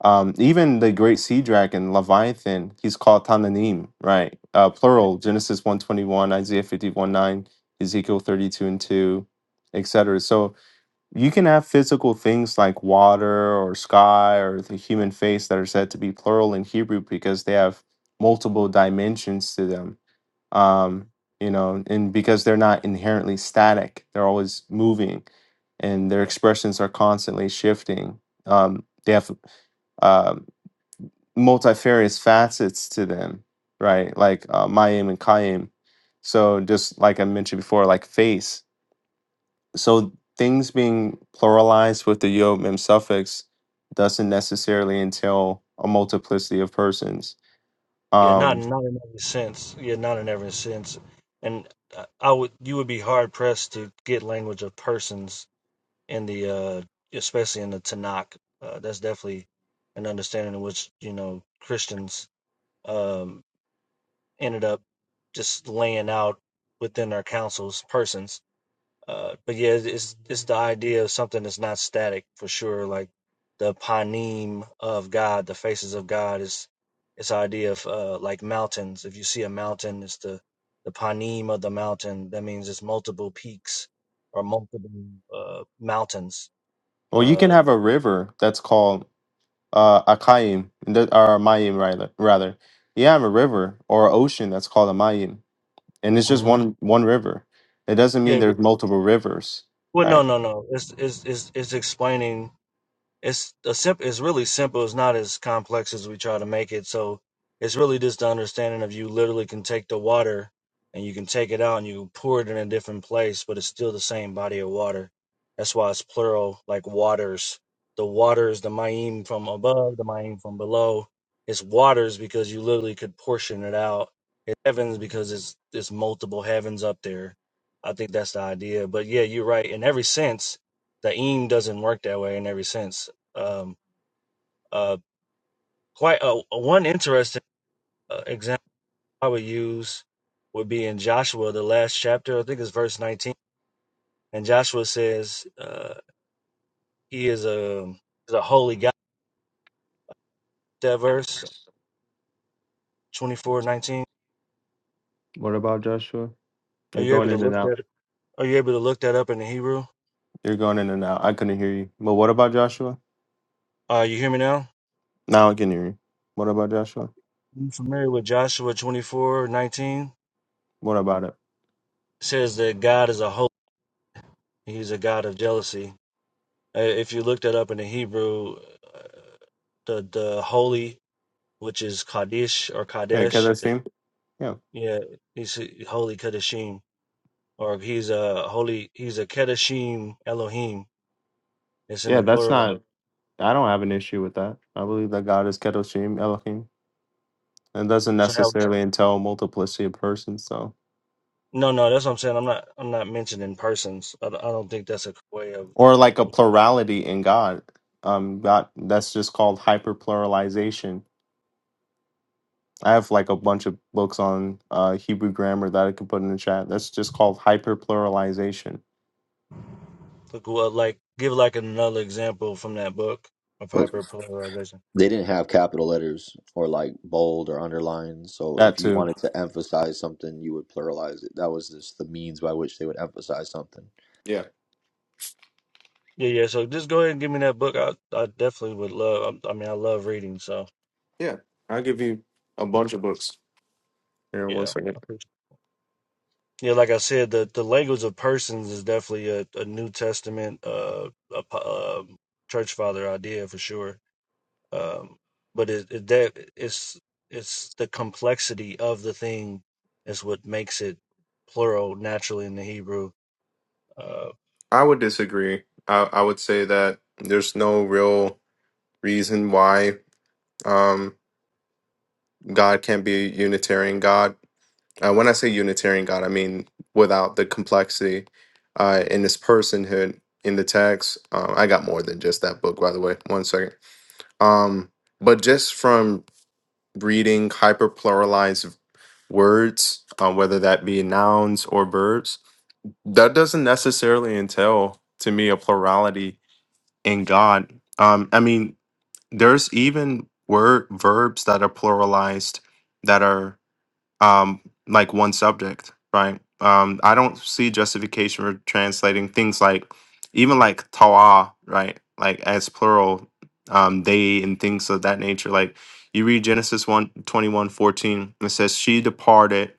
S1: Um, even the great sea dragon, Leviathan, he's called Tananim, right? Uh,
S5: right.
S1: plural, Genesis 121, Isaiah 51, 9, Ezekiel 32 and 2, et cetera. So you can have physical things like water or sky or the human face that are said to be plural in Hebrew because they have multiple dimensions to them um,
S5: Mhm.
S1: you know, and because they're not inherently static, they're always moving, and their expressions are constantly shifting. Um, they have um multifarious facets to them, right? Like uh, Mayim and Kayim. So just like I mentioned before, like face. So things being pluralized with the yo mem suffix doesn't necessarily entail a multiplicity of persons.
S5: Yeah, not
S1: Um,
S5: not in every sense. Yeah, not in every sense. And I I would you would be hard pressed to get language of persons in the uh especially in the Tanakh. Uh, that's definitely an understanding in which you know Christians um ended up just laying out within their councils persons Uh, but yeah, it's it's the idea of something that's not static for sure. Like the panim of God, the faces of God is it's the idea of uh, like mountains. If you see a mountain, it's the the panim of the mountain. That means it's multiple peaks or multiple uh, mountains.
S1: or you can
S5: Uh,
S1: have a river that's called uh Akayim, the- or Mayim rather rather. You have a river or an ocean that's called a Mayim, and it's just
S5: hmm
S1: one one river. It doesn't mean
S5: yeah. but-
S1: there's multiple rivers,
S5: Well, no,
S1: right?
S5: no, no. It's it's it's, it's explaining. it's a simp- it's really simple it's not as complex as we try to make it so it's really just the understanding of you literally can take the water and you can take it out and you can pour it in a different place but it's still the same body of water that's why it's plural like waters the waters the mayim from above the mayim from below it's waters because you literally could portion it out it's heavens because it's it's multiple heavens up there i think that's the idea but yeah you're right in every sense the eem doesn't work that way in every sense um, uh, quite uh, uh, one interesting uh, example I would use would be in Joshua, the last chapter. I think it's verse 19. And Joshua says, uh, "He is a is a holy God." That verse twenty four nineteen.
S1: What about Joshua?
S5: Are
S1: You're
S5: you
S1: going
S5: able to
S1: in and
S5: look
S1: out.
S5: that? Are you able to look that up in the Hebrew?
S1: You're going in and out. I couldn't hear you. But what about Joshua?
S5: Uh, you hear me now?
S1: Now I can hear you. What about Joshua?
S5: You familiar with Joshua 24 19?
S1: What about it?
S5: It says that God is a holy. He's a God of jealousy. Uh, If you look that up in the Hebrew, uh, the the holy which is Kadesh or
S1: Yeah,
S5: Kadesh. It-
S1: Kedoshim. Yeah.
S5: yeah, he's holy Kadeshim, or he's a holy. He's a Kadeshim Elohim. It's in
S1: Yeah,
S5: the
S1: that's
S5: plural.
S1: not I don't have an issue with that. I believe that God is Kedoshim, Elohim. It doesn't
S5: So how?
S1: necessarily entail multiplicity of persons, so
S5: No, no, that's what I'm saying. I'm not. I'm not mentioning persons. I, don't- I don't think that's a way of
S1: or like a plurality in God. Um, God, that's just called hyperpluralization. I have like a bunch of books on uh, Hebrew grammar that I could put in the chat. That's just called hyperpluralization.
S5: look. Well, like give like another example from that book of hyperpolarization.
S2: they didn't have capital letters or like bold or underlined. So
S1: That
S2: if you
S1: too.
S2: wanted to emphasize something, you would pluralize it. That was just the means by which they would emphasize something.
S1: Yeah,
S5: Yeah, yeah. So just go ahead and give me that book. I I definitely would love. I, I mean, I love reading. So
S1: yeah. I'll give you a bunch of books. Here, one
S5: yeah, I
S1: second.
S5: appreciate. Yeah, like I said, the, the language of persons is definitely a, a New Testament uh, a, po- um church father idea for sure. Um, but it, it that it's it's the complexity of the thing is what makes it plural naturally in the Hebrew. Uh, all
S1: I would disagree. I, I would say that there's no real reason why um, God can't be a Unitarian God. Uh, when I say Unitarian God, I mean without the complexity uh, in this personhood in the text. Um, I got more than just that book, by the way. One second. Um, but just from reading hyperpluralized words, uh, whether that be nouns or verbs, that doesn't necessarily entail to me a plurality in God. Um, I mean, there's even word verbs that are pluralized that are um, like one subject, right? Um, I don't see justification for translating things like even like Torah, right? Like as plural, um, they and things of that nature. Like you read Genesis one 21 14, it says, She departed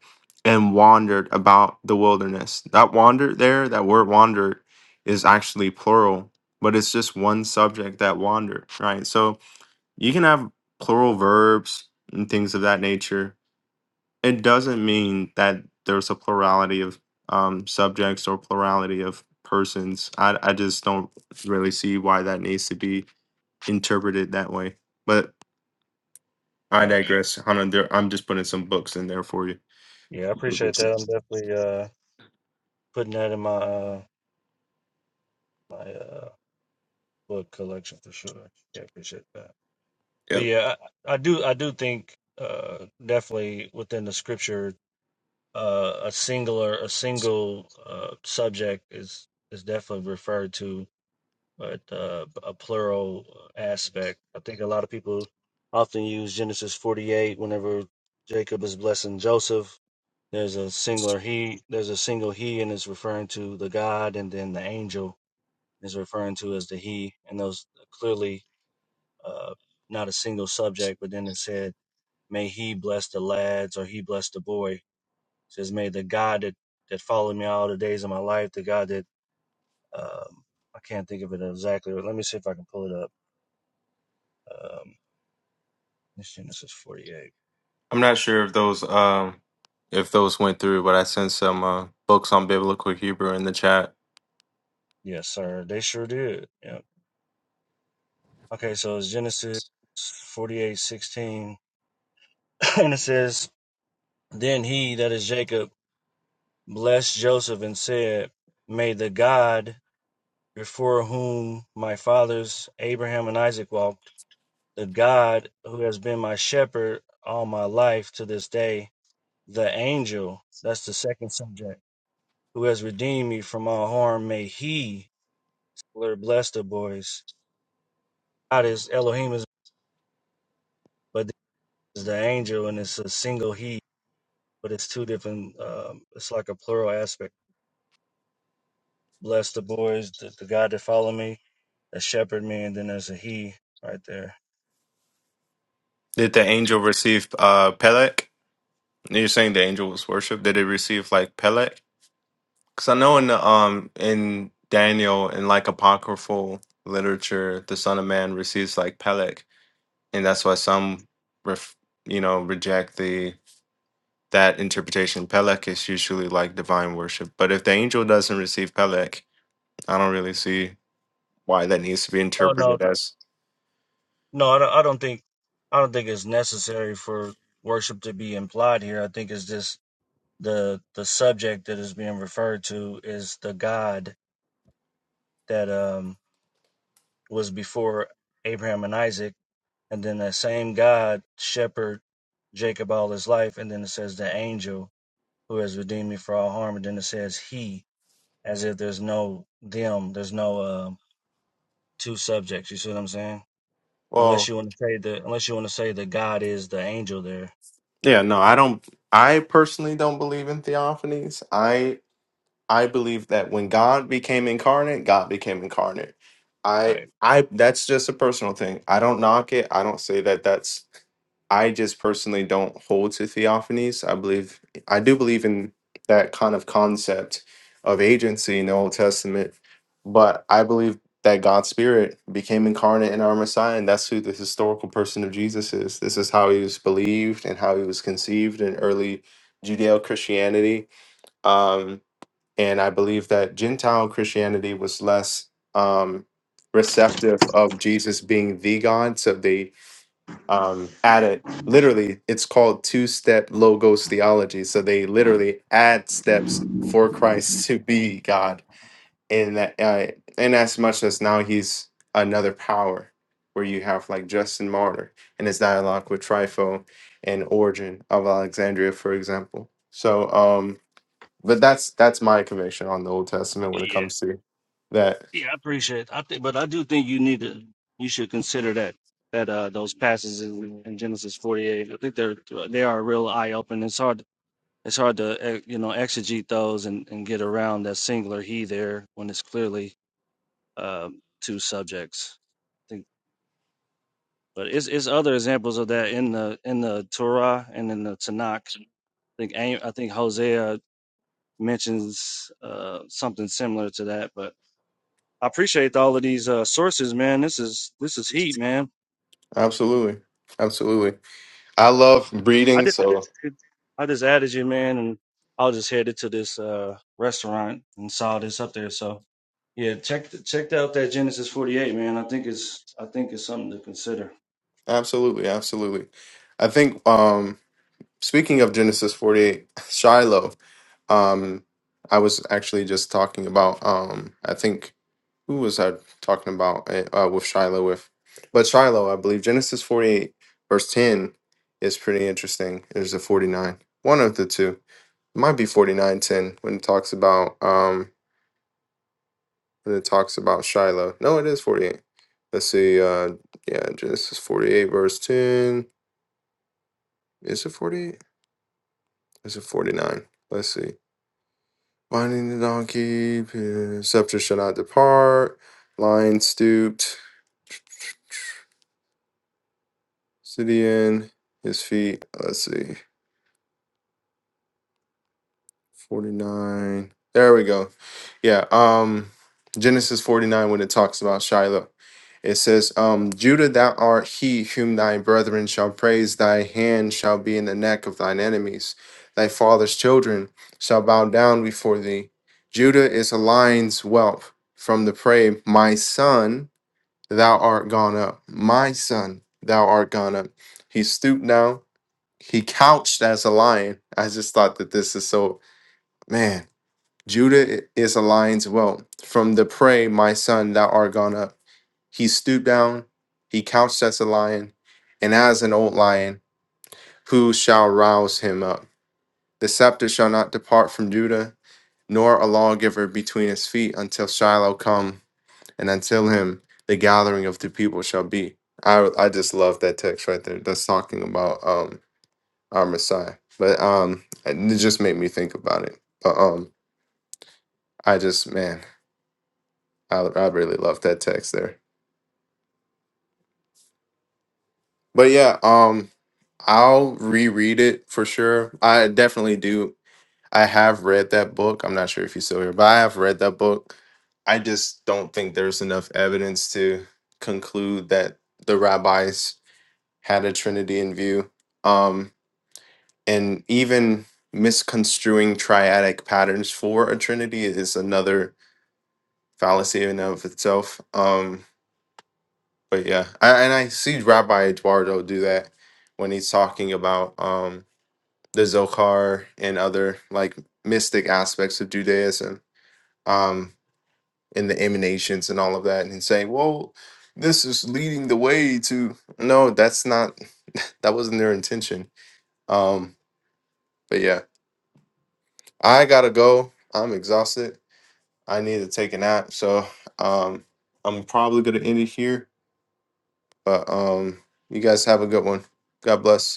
S1: and wandered about the wilderness. That wandered there, that word wandered is actually plural, but it's just one subject that wandered, right? So you can have plural verbs and things of that nature it doesn't mean that there's a plurality of um, subjects or plurality of persons. I, I just don't really see why that needs to be interpreted that way. But I
S5: right.
S1: digress. Hannah, there, I'm just putting some books in there for you.
S5: Yeah, I appreciate that. I'm definitely uh, putting that in my uh, my uh, book collection for sure. Yeah, appreciate that. But
S1: Yep.
S5: yeah, I, I do I do think uh, definitely within the scripture uh, a singular a single uh, subject is is definitely referred to but uh, a plural aspect i think a lot of people often use genesis 48 whenever jacob is blessing joseph there's a singular he there's a single he and it's referring to the god and then the angel is referring to as the he and those clearly uh, not a single subject but then it said may he bless the lads or he bless the boy says, may the God that, that followed me all the days of my life, the God that, um, I can't think of it exactly, but let me see if I can pull it up. Um, it's Genesis 48.
S1: I'm not sure if those um if those went through, but I sent some uh, books on biblical Hebrew in the chat.
S5: Yes, sir. They sure did. Yeah. Okay. So it's Genesis 48 16, and it says, then he, that is Jacob, blessed Joseph and said, may the God before whom my fathers Abraham and Isaac walked, the God who has been my shepherd all my life to this day the angel, that's the second subject, who has redeemed me from all harm, may he, Lord, bless the boys. God is Elohim, is, but this is the angel, and it's a single he, but it's two different, um, it's like a plural aspect. Bless the boys, the, the God that follow me, that shepherd me, and then there's a he right there.
S1: Did the angel receive uh Pelech? You're saying the angel was worshipped. Did it receive like Pelech? Because I know in the, um in Daniel in like apocryphal literature, the Son of Man receives like Peleg, and that's why some ref, you know reject the that interpretation. Peleg is usually like divine worship, but if the angel doesn't receive Peleg, I don't really see why that needs to be
S5: Oh, no,
S1: interpreted as
S5: no, I don't, I don't think, I don't think it's necessary for worship to be implied here. I think it's just the the subject that is being referred to is the God that um, was before Abraham and Isaac, and then that same God shepherd Jacob all his life, and then it says the angel who has redeemed me for all harm, and then it says he, as if there's no them, there's no um two subjects. You see what I'm saying? Unless
S1: well.
S5: you want to say the unless you want to say that God is the angel there,
S1: Yeah, no, I don't. I personally don't believe in theophanies. I. I believe that when God became incarnate, God became incarnate. I
S5: right?
S1: I that's just a personal thing. I don't knock it. I don't say that that's I just personally don't hold to theophanies. I believe I do believe in that kind of concept of agency in the Old Testament, but I believe that God's Spirit became incarnate in our Messiah, and that's who the historical person of Jesus is. This is how he was believed and how he was conceived in early Judeo Christianity and I believe that Gentile Christianity was less um, receptive of Jesus being the God. So they um, added literally, it's called two step logos theology. So they literally add steps for Christ to be God, and that uh, in as much as now he's another power. Where you have like Justin Martyr and his dialogue with Trifo and Origin of Alexandria, for example. So, um, but that's that's my conviction on the Old Testament when it
S5: Yeah,
S1: comes to that.
S5: yeah, I appreciate. it. I think, but I do think you need to you should consider that that uh those passages in, in Genesis 48. I think they're they are a real eye open. It's hard it's hard to eh, you know exegete those and, and get around that singular he there when it's clearly um, two subjects. I think, but it's, it's other examples of that in the in the Torah and in the Tanakh. I think I think Hosea mentions uh, something similar to that. But I appreciate all of these uh, sources, man. This is this is heat, man.
S1: Absolutely, absolutely. I love
S5: I
S1: reading,
S5: just
S1: so
S5: I just added you, man, and I was just headed to this uh restaurant and saw this up there. So yeah, check th- check out that Genesis forty eight, man. I think it's I think it's something to consider.
S1: absolutely, absolutely. I think um, speaking of Genesis forty eight, Shiloh. Um, I was actually just talking about. Um, I think who was I talking about eh, uh, with Shiloh with? But Shiloh, I believe Genesis forty eight verse ten is pretty interesting. Is a forty nine one of the two? It might be forty nine ten when it talks about um when it talks about Shiloh. No, it is forty eight. Let's see. Uh, yeah, Genesis forty eight verse ten. Is it forty eight? Is it forty nine? Let's see. Binding the donkey, uh, scepter shall not depart. Lion stooped, Sidian, his feet. Let's see. 49. There we go. Yeah. Um Genesis 49 when it talks about Shiloh. It says, um, Judah, thou art he whom thy brethren shall praise, thy hand shall be in the neck of thine enemies, thy father's children shall bow down before thee. Judah is a lion's whelp from the prey. My son, thou art gone up. My son, thou art gone up. He stooped down, he couched as a lion. I just thought that this is so man. Judah is a lion's whelp. From the prey, my son, thou art gone up. He stooped down, he couched as a lion, and as an old lion, who shall rouse him up? The scepter shall not depart from Judah, nor a lawgiver between his feet until Shiloh come, and until him the gathering of the people shall be. I, I just love that text right there. That's talking about um our Messiah. But um it just made me think about it. But um I just man I I really love that text there. But yeah, um I'll reread it for sure. I definitely do. I have read that book. I'm not sure if you still here, but I have read that book. I just don't think there's enough evidence to conclude that the rabbis had a trinity in view. Um and even misconstruing triadic patterns for a trinity is another fallacy in and of itself. Um But yeah, I, and I see Rabbi Eduardo do that when he's talking about um, the Zohar and other like mystic aspects of Judaism um, and the emanations and all of that, and saying, "Well, this is leading the way to." No, that's not. That wasn't their intention. Um, but yeah, I gotta go. I'm exhausted. I need to take a nap. So um, I'm probably gonna end it here. But um, you guys have a good one. God bless.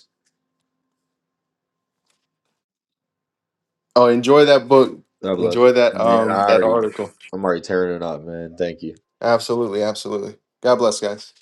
S1: Oh, enjoy that book.
S2: God bless.
S1: Enjoy that
S2: Man,
S1: um
S2: I
S1: that
S2: already,
S1: article.
S2: I'm already tearing it up, man. Thank you.
S1: Absolutely, absolutely. God bless, guys.